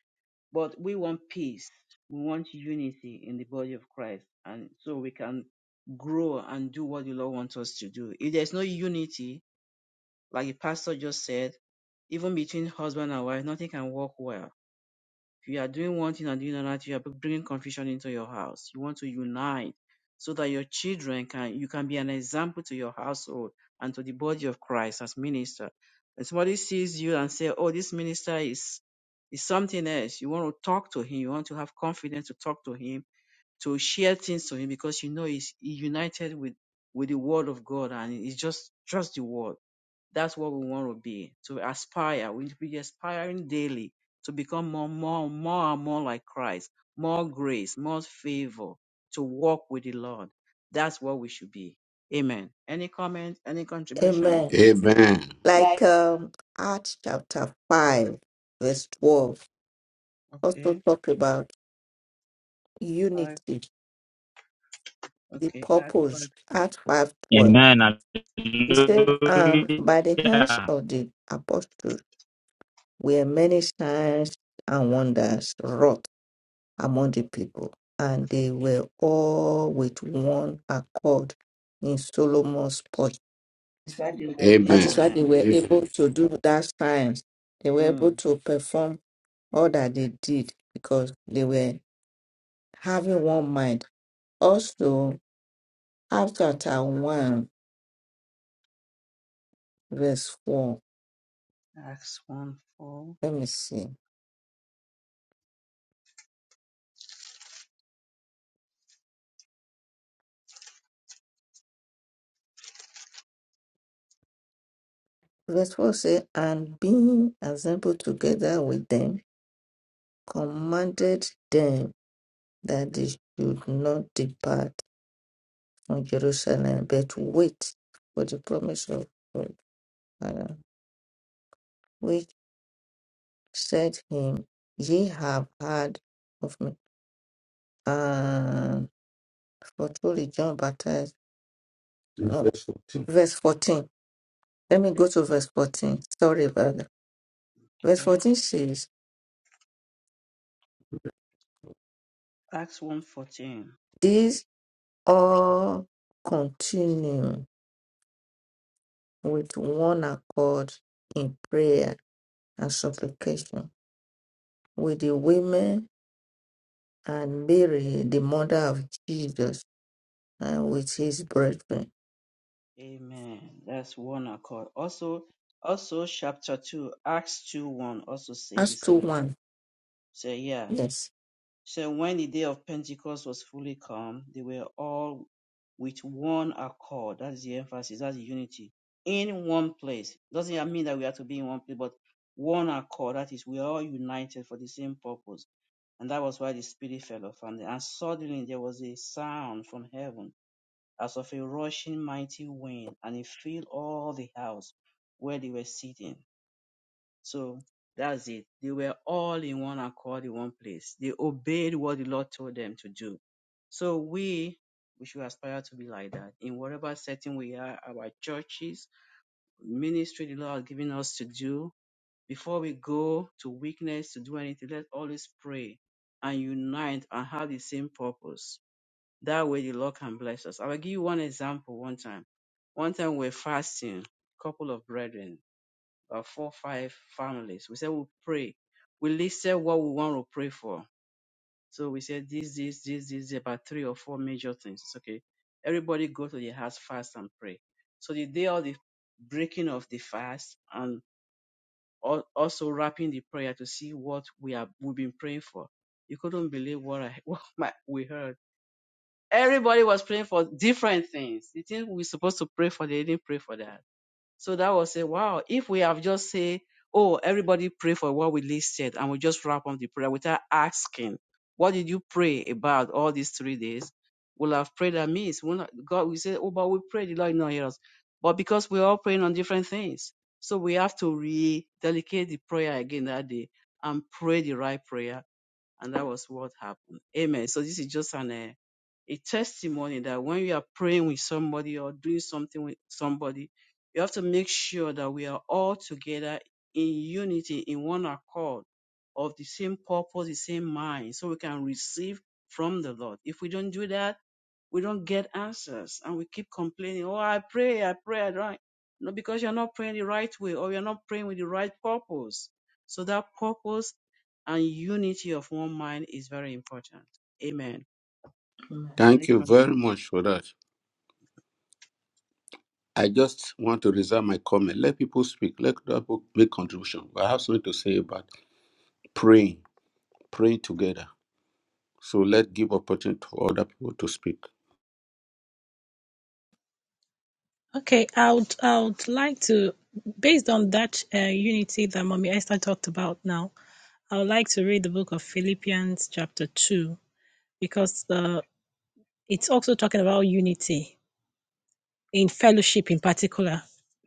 [SPEAKER 2] but we want peace. We want unity in the body of Christ. And so we can grow and do what the Lord wants us to do. If there's no unity, Like the pastor just said, even between husband and wife, nothing can work well. If you are doing one thing and doing another, you are bringing confusion into your house. You want to unite so that your children can, you can be an example to your household and to the body of Christ as minister. And somebody sees you and say, "Oh, this minister is is something else." You want to talk to him. You want to have confidence to talk to him, to share things to him because you know he's he united with with the word of God and it's just just the word. That's what we want to be, to aspire. We should be aspiring daily to become more, more, more and more like Christ, more grace, more favor, to walk with the Lord. That's what we should be. Amen. Any comment? Any contribution?
[SPEAKER 4] Amen.
[SPEAKER 1] Amen. Yeah.
[SPEAKER 4] Amen.
[SPEAKER 1] Like
[SPEAKER 4] Like
[SPEAKER 1] um, Acts chapter 5, verse
[SPEAKER 2] Yeah.
[SPEAKER 1] 12, also
[SPEAKER 2] Okay.
[SPEAKER 1] talk about
[SPEAKER 2] Five.
[SPEAKER 1] unity, the
[SPEAKER 2] Okay. Act
[SPEAKER 1] purpose,
[SPEAKER 2] five.
[SPEAKER 1] Acts five twelve
[SPEAKER 3] Amen.
[SPEAKER 1] 12. He
[SPEAKER 2] Okay.
[SPEAKER 1] said, um, by the hands
[SPEAKER 3] Hallelujah.
[SPEAKER 1] of the apostles were many signs and wonders wrought among the people, and they were all with one accord in Solomon's porch. That
[SPEAKER 4] Amen.
[SPEAKER 1] is why they
[SPEAKER 2] Amen.
[SPEAKER 1] were Yes. able to do that science. They were able
[SPEAKER 2] Mm.
[SPEAKER 1] to perform all that they did because they were having one mind. Also, after chapter 1, verse 4,
[SPEAKER 2] Acts one four.
[SPEAKER 1] let me see. Verse 4 says, And being assembled together with them, commanded them that they should not depart from Jerusalem, but wait for the promise of God, Father, which said him, Ye have heard of me. And for truly John baptized. no, Verse 14. verse 14. Let me go to verse 14. Sorry about that. Verse
[SPEAKER 2] Okay.
[SPEAKER 1] 14 says,
[SPEAKER 2] Acts one fourteen.
[SPEAKER 1] These all continue with one accord in prayer and supplication with the women and Mary, the mother of Jesus, and with his brethren.
[SPEAKER 2] Amen. That's one accord. Also, also chapter two, Acts two one also say the
[SPEAKER 1] That's 2
[SPEAKER 2] same
[SPEAKER 1] 1.
[SPEAKER 2] thing. So yeah.
[SPEAKER 1] Yes.
[SPEAKER 2] So when the day of Pentecost was fully come, they were all with one accord. That's the emphasis. That's the unity in one place. Doesn't mean that we have to be in one place, but one accord. That is, we are all united for the same purpose, and that was why the Spirit fell upon them. And suddenly there was a sound from heaven as of a rushing mighty wind, and it filled all the house where they were sitting. So that's it. They were all in one accord in one place. They obeyed what the Lord told them to do. So we we should aspire to be like that in whatever setting we are, our churches, ministry the Lord has given us to do. Before we go to weakness to do anything, let's always pray and unite and have the same purpose that way the Lord can bless us. I will give you one example one time. One time we we're fasting, couple of brethren, about four, five families. We said we'll pray. We listed what we want to pray for. So we said this, this, this, this, about three or four major things. It's okay. Everybody go to the house fast and pray. So the day of the breaking of the fast and al- also wrapping the prayer to see what we have we've been praying for. You couldn't believe what I what my, we heard Everybody was praying for different things. The thing we're supposed to pray for, they didn't pray for that. So that was a wow. If we have just say, oh, everybody pray for what we listed, and we just wrap up the prayer without asking, what did you pray about all these three days? We'll have prayed that means we'll not, God, we say, oh, but we prayed, the Lord did not hear us. But because we're all praying on different things, so we have to re-dedicate the prayer again that day and pray the right prayer and that was what happened. Amen. So this is just an uh, a testimony that when we are praying with somebody or doing something with somebody, we have to make sure that we are all together in unity, in one accord, of the same purpose, the same mind, so we can receive from the Lord. If we don't do that, we don't get answers and we keep complaining, oh, I pray, I pray, I don't. like," No, because you're not praying the right way or you're not praying with the right purpose. So that purpose and unity of one mind is very important. Amen.
[SPEAKER 4] Thank
[SPEAKER 2] Any
[SPEAKER 4] you very much for that. I just want to reserve my comment. Let people speak. Let people make contribution. I have something to say about praying, praying together. So let give opportunity for other people to speak.
[SPEAKER 5] Okay, I would I would like to, based on that uh, unity that Mommy Esther talked about now, I would like to read the book of Philippians chapter two because uh, it's also talking about unity. in fellowship in particular.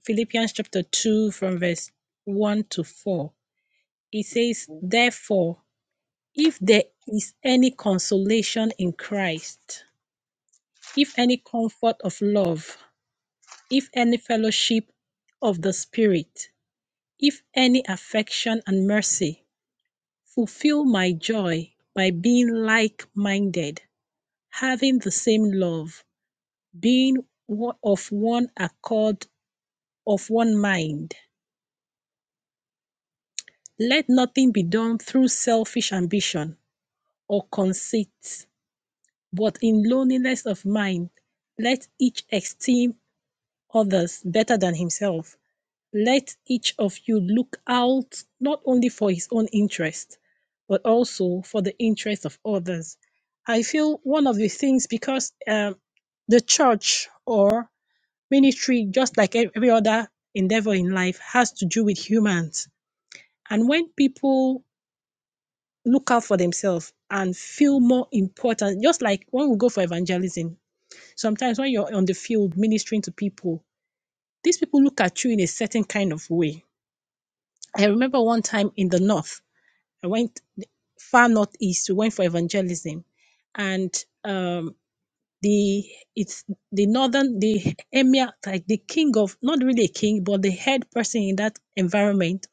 [SPEAKER 5] Philippians chapter 2 from verse 1 to 4. It says,
[SPEAKER 2] contribution?
[SPEAKER 5] Therefore, if there is any consolation in Christ, if any comfort of love, if any fellowship of the Spirit, if any affection and mercy, fulfill my joy by being like minded, having the same love, being of one accord, of one mind. let nothing be done through selfish ambition or conceit but in lowliness of mind let each esteem others better than himself let each of you look out not only for his own interest but also for the interest of others i feel one of the things because um, the church or ministry just like ev- every other endeavor in life has to do with humans and when people look out for themselves and feel more important. Just like when we go for evangelism, sometimes when you're on the field ministering to people, these people look at you in a certain kind of way. I remember one time in the north, I went far northeast, we went for evangelism, and um, the it's the northern the emir like the king of not really a king but the head person in that environment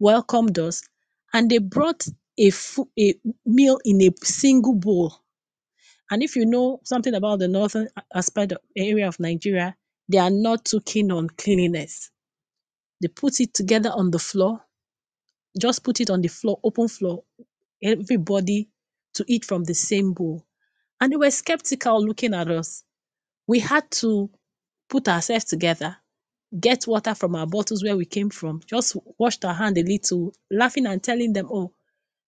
[SPEAKER 5] welcomed us and they brought a, fu- a meal in a single bowl And if you know something about the northern aspect of area of Nigeria, they are not too keen on cleanliness. They put it together on the floor, just put it on the floor, open floor, everybody to eat from the same bowl. And they were skeptical looking at us. We had to put ourselves together, get water from our bottles where we came from, just washed our hand a little, laughing and telling them, oh,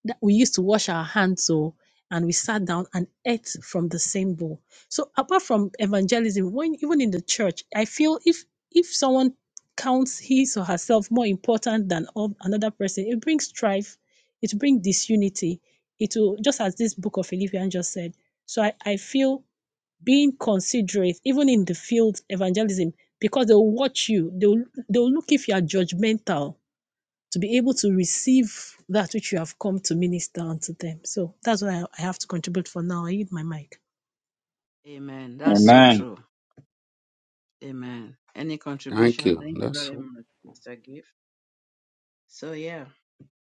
[SPEAKER 5] that we used to wash our hands so and we sat down and ate from the same bowl so apart from evangelism when even in the church i feel if if someone counts his or herself more important than of another person it brings strife it brings disunity it will just as this book of philippians just said so i, I feel being considerate even in the field evangelism because they'll watch you they'll they'll look if you are judgmental to be able to receive that which you have come to minister unto them. So that's what I, I have to contribute for now. I need my mic.
[SPEAKER 2] Amen. That's so
[SPEAKER 3] Amen.
[SPEAKER 2] true. Amen. Any
[SPEAKER 4] Thank
[SPEAKER 2] contribution?
[SPEAKER 4] you.
[SPEAKER 2] Thank you
[SPEAKER 4] That's
[SPEAKER 2] very much, Mr. Gift. So yeah.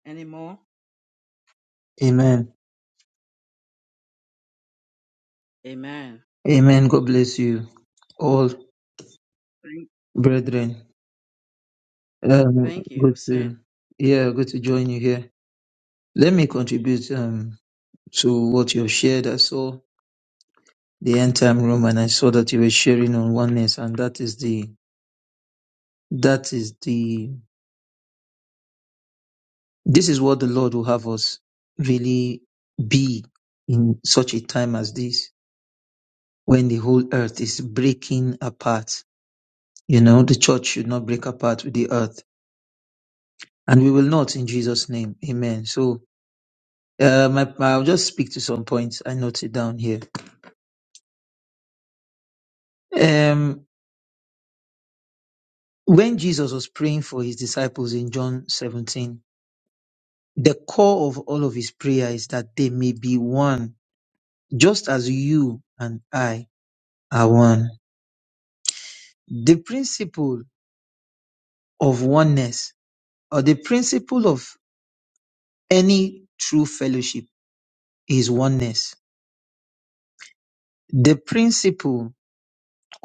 [SPEAKER 2] Any more?
[SPEAKER 6] Amen.
[SPEAKER 2] Amen.
[SPEAKER 6] Amen. God bless you all,
[SPEAKER 2] Thank,
[SPEAKER 6] brethren. Um,
[SPEAKER 2] thank you,
[SPEAKER 6] good
[SPEAKER 2] Hussein.
[SPEAKER 6] to, yeah, good to join you here. Let me contribute um, to what you've shared. I saw the end time room and I saw that you were sharing on oneness and that is the, that is the, this is what the Lord will have us really be in such a time as this when the whole earth is breaking apart. You know, the church should not break apart with the earth and we will not in Jesus' name. Amen. So uh, my, I'll just speak to some points. I noted down here. Um, when Jesus was praying for his disciples in John 17, the core of all of his prayer is that they may be one, just as you and I are one. The principle of oneness, or the principle of any true fellowship, is oneness. The principle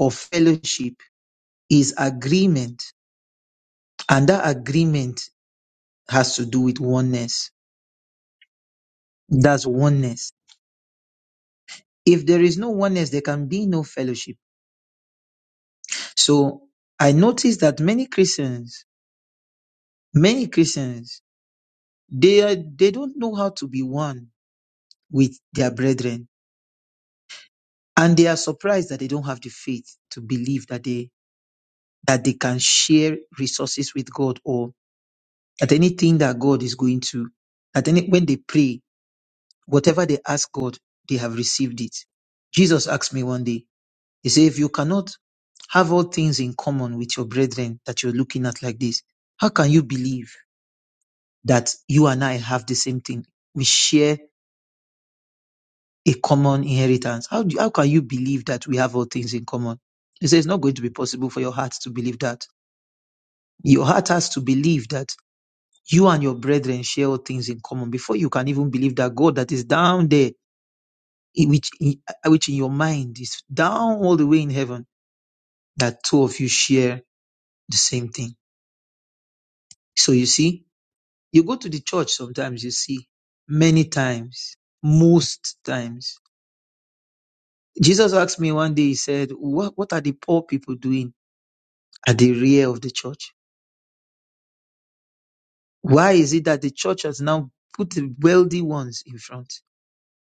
[SPEAKER 6] of fellowship is agreement And that agreement has to do with oneness. That's oneness. If there is no oneness, there can be no fellowship. So I noticed that many Christians, many Christians, they are, they don't know how to be one with their brethren, and they are surprised that they don't have the faith to believe that they that they can share resources with God or that anything that God is going to that any when they pray, whatever they ask God, they have received it. Jesus asked me one day, He said, if you cannot have all things in common with your brethren that you're looking at like this, how can you believe that you and I have the same thing? We share a common inheritance. How, do, how can you believe that we have all things in common? He says, it's not going to be possible for your heart to believe that. Your heart has to believe that you and your brethren share all things in common before you can even believe that God that is down there, in which, in, uh, which in your mind is down all the way in heaven, that two of you share the same thing. So you see, You go to the church sometimes, you see, many times, most times. Jesus asked me one day, he said, what, what are the poor people doing at the rear of the church? Why is it that the church has now put the wealthy ones in front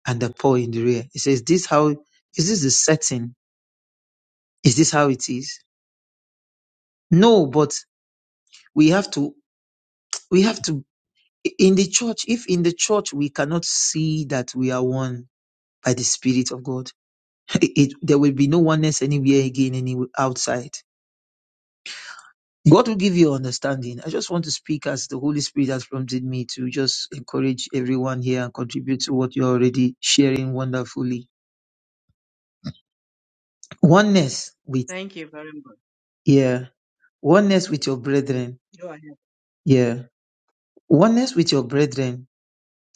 [SPEAKER 6] and the poor in the rear? He says, this how, is this the setting? Is this how it is? No, but we have to, we have to, in the church, if in the church we cannot see that we are one by the Spirit of God, it, there will be no oneness anywhere again any outside god will give you understanding i just want to speak as the holy spirit has prompted me to just encourage everyone here and contribute to what you're already sharing wonderfully oneness with
[SPEAKER 2] Thank you very much.
[SPEAKER 6] yeah oneness with your brethren
[SPEAKER 2] Go ahead.
[SPEAKER 6] yeah oneness with your brethren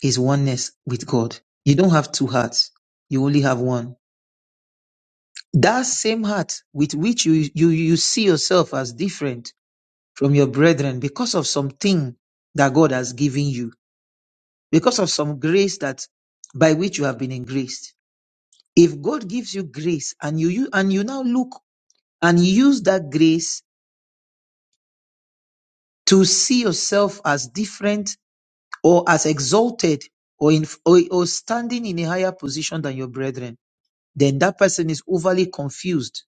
[SPEAKER 6] is oneness with god you don't have two hearts you only have one that same heart with which you you you see yourself as different from your brethren because of something that God has given you, because of some grace that by which you have been engraced. If God gives you grace and you, you and you now look and use that grace to see yourself as different or as exalted or in or, or standing in a higher position than your brethren, then that person is overly confused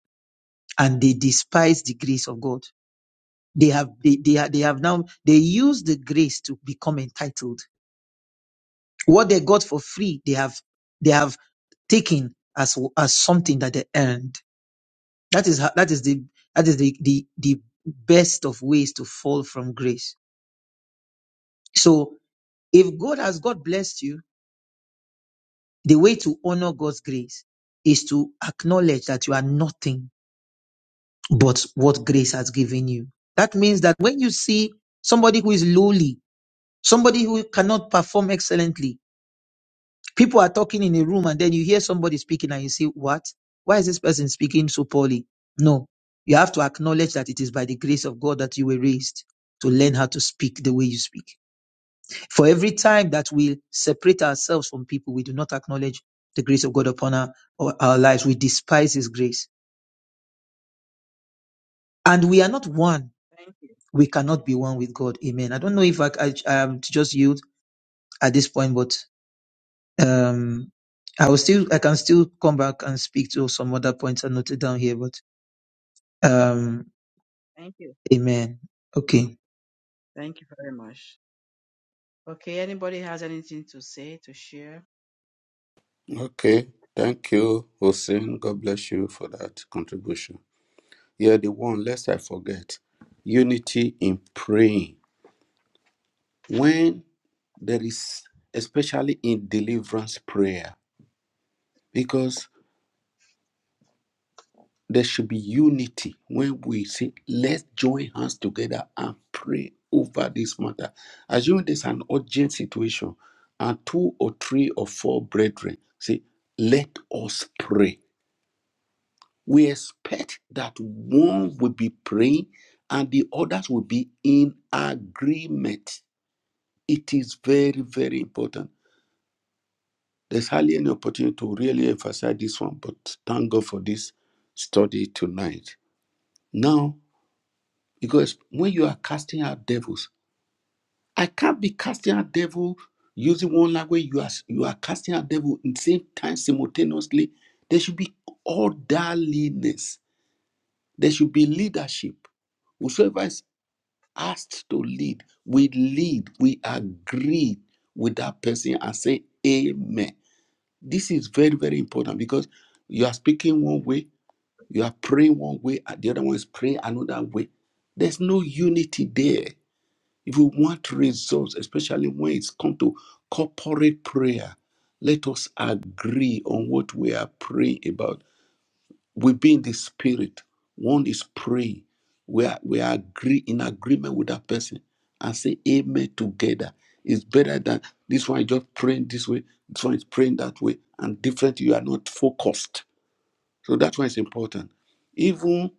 [SPEAKER 6] and they despise the grace of God. They have they, they, are- they have now they use the grace to become entitled What they got for free, they have they have taken as as something that they earned. That is how, that is the that is the, the the best of ways to fall from grace. So if God has God blessed you, the way to honor God's grace is to acknowledge that you are nothing but what grace has given you. That means that when you see somebody who is lowly, somebody who cannot perform excellently, People are talking in a room and then you hear somebody speaking and you say, What? Why is this person speaking so poorly? No. You have to acknowledge that it is by the grace of God that you were raised to learn how to speak the way you speak. For every time that we separate ourselves from people, we do not acknowledge the grace of God upon our, our our lives. We despise His grace. And we are not one.
[SPEAKER 2] Thank you.
[SPEAKER 6] We cannot be one with God. Amen. I don't know if I, I, I am to just yield at this point, but Um, I will still, I can still come back and speak to some other points I noted down here, but um,
[SPEAKER 2] Thank you.
[SPEAKER 6] amen. Okay.
[SPEAKER 2] Thank you very much. Okay. Anybody has anything to say to share?
[SPEAKER 4] okay. Thank you, Hussein. God bless you for that contribution. Yeah, the one. Lest I forget, unity in praying. When there is, especially in deliverance prayer, because. There should be unity when we say, let's join hands together and pray over this matter. Assume there's an urgent situation, and two or three or four brethren say, let us pray. We expect that one will be praying and the others will be in agreement. It is very, very important. There's hardly any opportunity to really emphasize this one, but thank God for this study tonight. Now, Because when you are casting out devils, I can't be casting out devil using one language. You are you are casting out devil in the same time simultaneously. There should be orderliness. There should be leadership. Whosoever is asked to lead, we lead. We agree with that person and say amen. This is very very important because you are speaking one way, you are praying one way, and the other one is praying another way. There's no unity there If we want results, especially when it's come to corporate prayer, let us agree on what we are praying about. We be in the spirit. One is praying. We are we are agree in agreement with that person and say amen together. It's better than this one is just praying this way, this one is praying that way, and different you are not focused. So that one is important. Even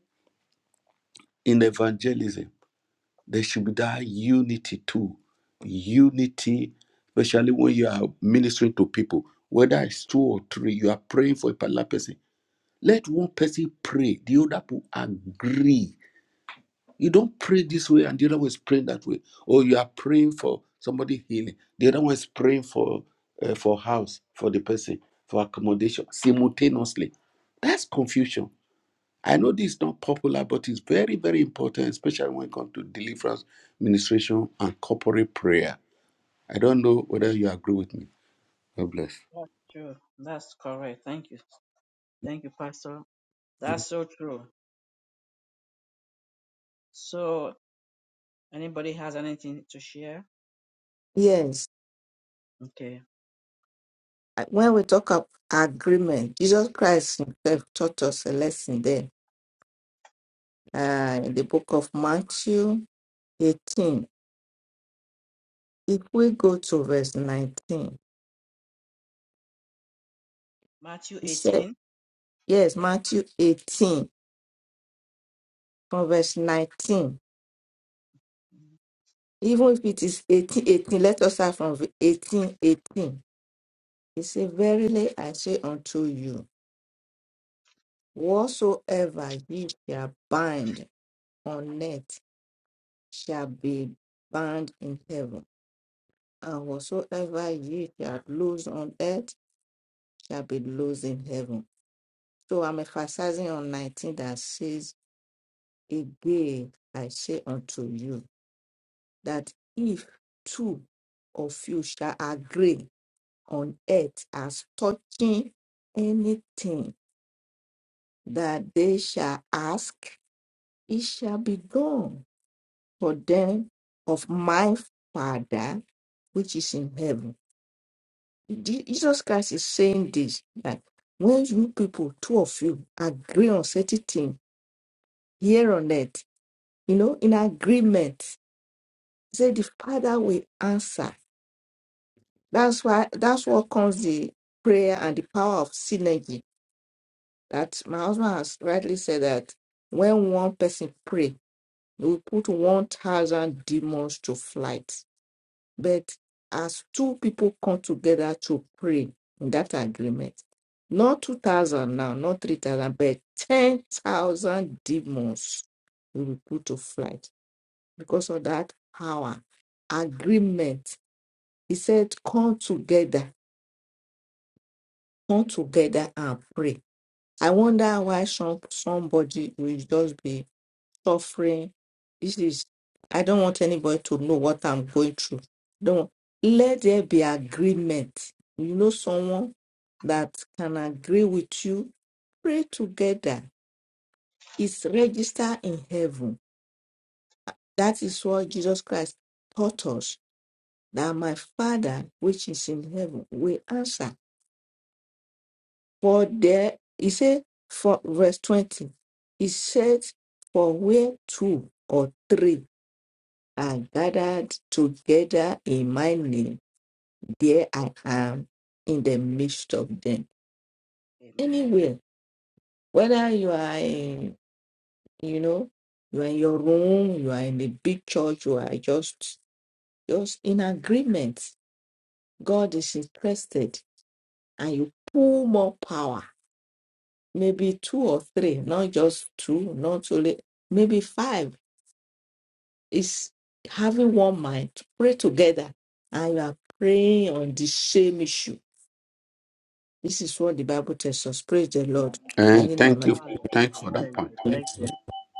[SPEAKER 4] in evangelism. There should be that unity too. Unity, especially when you are ministering to people, whether it's two or three, you are praying for a particular person. Let one person pray, the other people agree. You don't pray this way and the other one is praying that way. Or you are praying for somebody healing, the other one is praying for uh, for house for the person for accommodation simultaneously. That's confusion I know this is not popular, but it's very, very important, especially when it comes to deliverance, ministration, and corporate prayer. I don't know whether you agree with me. God bless.
[SPEAKER 2] That's true. That's correct. Thank you. Thank you, Pastor. That's so true. So anybody has anything to share?
[SPEAKER 1] Yes.
[SPEAKER 2] Okay.
[SPEAKER 1] Uh, When we talk of agreement, Jesus Christ himself taught us a lesson there uh, in the book of Matthew 18. If we go to verse 19,
[SPEAKER 2] Matthew
[SPEAKER 1] he said,
[SPEAKER 2] 18.
[SPEAKER 1] Yes, Matthew 18, from verse 19. Even if it is 18 18, let us start from 18, 18. He said, Verily I say unto you, Whatsoever ye shall bind on earth shall be bound in heaven, and whatsoever ye shall loose on earth shall be loosed in heaven. So I'm emphasizing on 19 that says, Again, I say unto you, that if two of you shall agree on earth as touching anything that they shall ask, it shall be done. for them of my Father which is in heaven. Je- Jesus Christ is saying this that when you people, two of you, agree on certain thing here on earth, you know, in agreement, he said the Father will answer. That's why that's what comes the prayer and the power of synergy. That my husband has rightly said that when one person pray, we put one thousand demons to flight But as two people come together to pray in that agreement, not 2,000 now, not 3,000, but 10,000 demons will be put to flight because of that power. Agreement. He said, Come together, come together and pray. I wonder why some, somebody will just be suffering. This is, I don't want anybody to know what I'm going through. Don't let there be agreement. You know, someone that can agree with you, pray together. It's registered in heaven. That is what Jesus Christ taught us that my Father, which is in heaven, will answer. For there, he said, for verse 20, he said, for where two or three are gathered together in my name, there I am in the midst of them.
[SPEAKER 2] Amen.
[SPEAKER 1] Anywhere, whether you are in, you know, you are in your room, you are in a big church, you are just just in agreement. God is interested, and you pull more power. Maybe two or three, not just two, not only maybe five. Is having one mind, to pray together, and you are praying on the same issue This is what the Bible tells us. Praise the Lord. I
[SPEAKER 4] And
[SPEAKER 1] hit my
[SPEAKER 4] thank
[SPEAKER 1] mind.
[SPEAKER 4] you.
[SPEAKER 2] Hallelujah.
[SPEAKER 4] Thank you for
[SPEAKER 2] Hallelujah.
[SPEAKER 4] that point.
[SPEAKER 2] Thank you.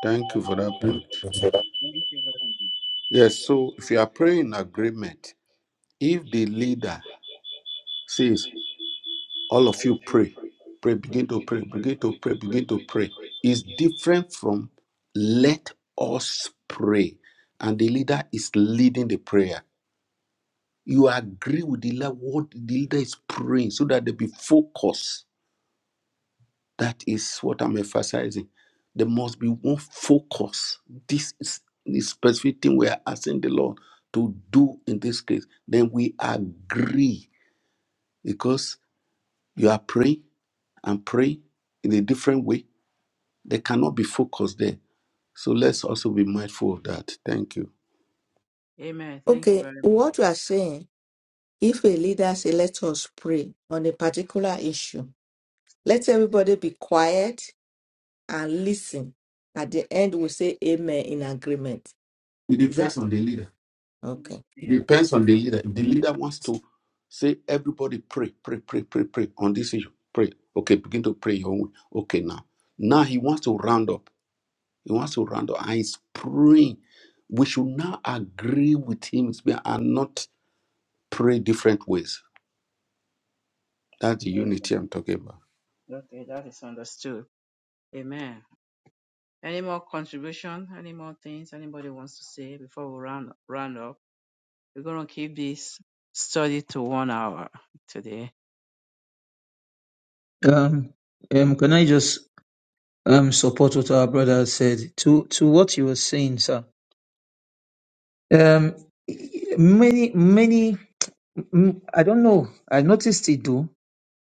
[SPEAKER 4] Thank you for that point.
[SPEAKER 2] Thank you very much.
[SPEAKER 4] Yes, so if you are praying in agreement, if the leader says, all of you pray, pray, begin to pray, begin to pray, begin to pray, is different from let us pray. And the leader is leading the prayer You agree with the leader, what the leader is praying so that they be focused. That is what I'm emphasizing. There must be one focus. This is the specific thing we are asking the Lord to do in this case. Then we agree because you are praying and praying in a different way. They cannot be focused there. So let's also be mindful of that. Thank you.
[SPEAKER 2] Amen. Thank you
[SPEAKER 1] Okay,
[SPEAKER 2] very much.
[SPEAKER 1] what you are saying, if a leader say, let us pray on a particular issue, let everybody be quiet and listen. At the end, we say amen in agreement. It depends on the leader.
[SPEAKER 2] In the
[SPEAKER 1] okay? It
[SPEAKER 4] Depends
[SPEAKER 1] depends
[SPEAKER 4] on
[SPEAKER 1] on
[SPEAKER 4] the
[SPEAKER 1] the leader.
[SPEAKER 4] leader. If the
[SPEAKER 1] The leader
[SPEAKER 4] leader wants
[SPEAKER 1] has to-
[SPEAKER 4] to say, everybody pray, pray, pray, pray, pray on this issue, pray. Okay, begin to pray your own way. Okay, now. Now he wants to round up. He wants to round up. And he's praying. We should now agree with him and not pray different ways. That's the unity
[SPEAKER 2] Amen.
[SPEAKER 4] I'm talking about.
[SPEAKER 2] Okay, that is understood. Amen. Any more contribution? Any more things anybody wants to say before we round round up? We're gonna keep this study to one hour today.
[SPEAKER 6] Um, um, can I just um support what our brother has said to to what you were saying, sir? Um, many, many, mm, I don't know. I noticed it though.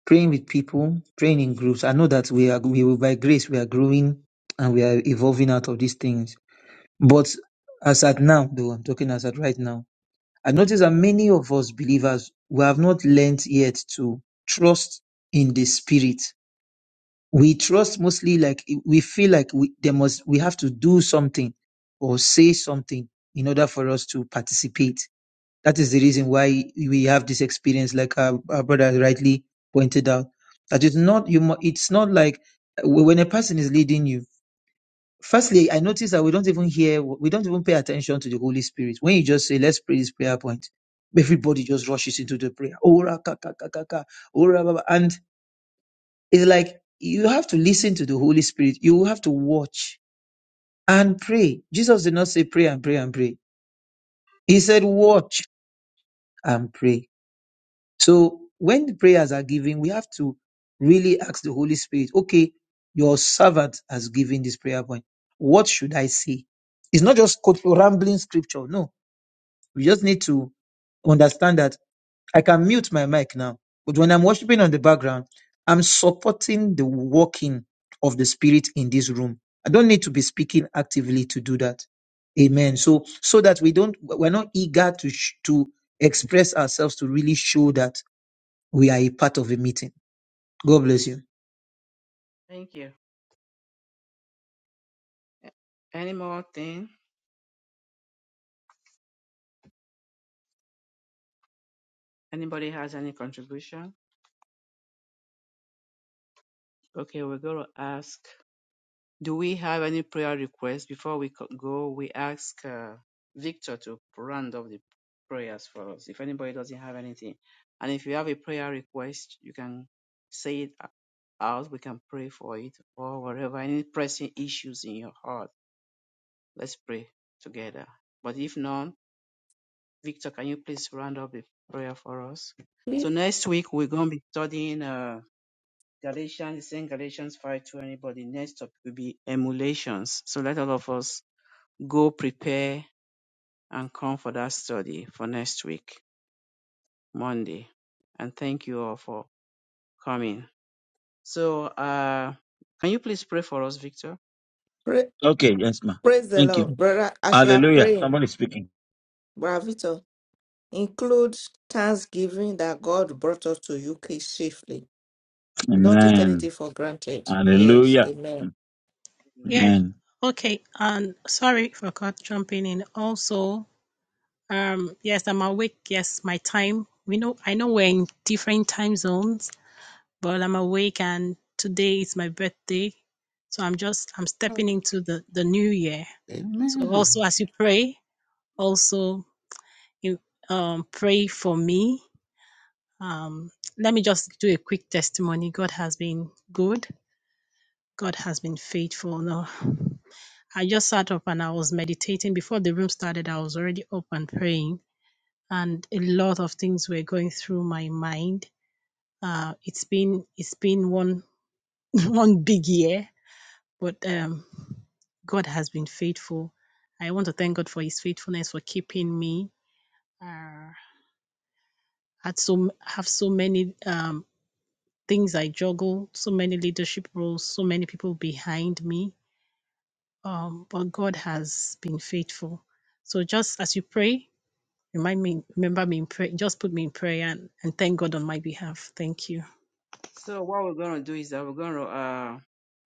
[SPEAKER 6] Praying with people, praying in groups. I know that we are, we will, by grace, we are growing and we are evolving out of these things. But as at now, though, I'm talking as at right now I notice that many of us believers, we have not learned yet to trust in the spirit. We trust mostly like we feel like we there must we have to do something or say something in order for us to participate. That is the reason why we have this experience, like our, our brother rightly pointed out. That it's not you. mu- It's not like when a person is leading you Firstly, I notice that we don't even hear, we don't even pay attention to the Holy Spirit. When you just say, let's pray this prayer point, everybody just rushes into the prayer. Ora, ka, ka, ka, ka, ka, ora, ba, ba. And it's like, you have to listen to the Holy Spirit. You have to watch and pray. Jesus did not say pray and pray and pray. He said watch and pray. So when the prayers are given, we have to really ask the Holy Spirit, okay, your servant has given this prayer point. What should I say? It's not just quote- rambling scripture. No, we just need to understand that I can mute my mic now, but when I'm worshiping on the background, I'm supporting the working of the Spirit in this room. I don't need to be speaking actively to do that. Amen. So, so that we don't, we're not eager to, sh- to express ourselves to really show that we are a part of a meeting. God bless you.
[SPEAKER 2] Thank you. A- Any more thing? Anybody has any contribution? Okay, we're gonna ask. Do we have any prayer requests? Before we co- go, we ask uh, Victor to round up the prayers for us. If anybody doesn't have anything, and if you have a prayer request, you can say it o- out. We can pray for it or whatever. Any pressing issues in your heart, let's pray together. But if none, Victor, can you please round up the prayer for us? So
[SPEAKER 1] Please
[SPEAKER 2] next week we're going to be studying. Uh, Galatians, it's in Galatians 5 to anybody. Next topic will be emulations. So let all of us go prepare and come for that study for next week, Monday. And thank you all for coming. So, uh, can you please pray for us, Victor?
[SPEAKER 1] pra-
[SPEAKER 3] Okay, yes, ma.
[SPEAKER 1] praise the
[SPEAKER 3] Thank
[SPEAKER 1] Lord,
[SPEAKER 3] you.
[SPEAKER 1] brother. As you are
[SPEAKER 3] Hallelujah.
[SPEAKER 1] praying,
[SPEAKER 3] Somebody speaking.
[SPEAKER 1] brother Victor, include thanksgiving that God brought us to UK safely. We don't take
[SPEAKER 3] Amen.
[SPEAKER 1] anything for granted. Yes.
[SPEAKER 3] Hallelujah.
[SPEAKER 1] Amen.
[SPEAKER 2] Amen.
[SPEAKER 5] Yeah.
[SPEAKER 3] Amen.
[SPEAKER 5] Okay. And sorry for cut jumping in. Also, um, yes, I'm awake. Yes, my time. We know. I know we're in different time zones, but I'm awake, and today is my birthday, so I'm just I'm stepping into the the new year. So
[SPEAKER 4] Amen.
[SPEAKER 5] also, as you pray, also you um pray for me Um, let me just do a quick testimony. God has been good. God has been faithful. No, I just sat up and I was meditating before the room started. I was already up and praying, and a lot of things were going through my mind. Uh, it's been it's been one one big year, but um, God has been faithful. I want to thank God for His faithfulness for keeping me. Uh, had so have so many. um things I juggle, so many leadership roles, so many people behind me. Um, but God has been faithful. So just as you pray, remind me, remember me in prayer, just put me in prayer and, and thank God on my behalf. Thank you.
[SPEAKER 2] So what we're going to do is that we're going to uh,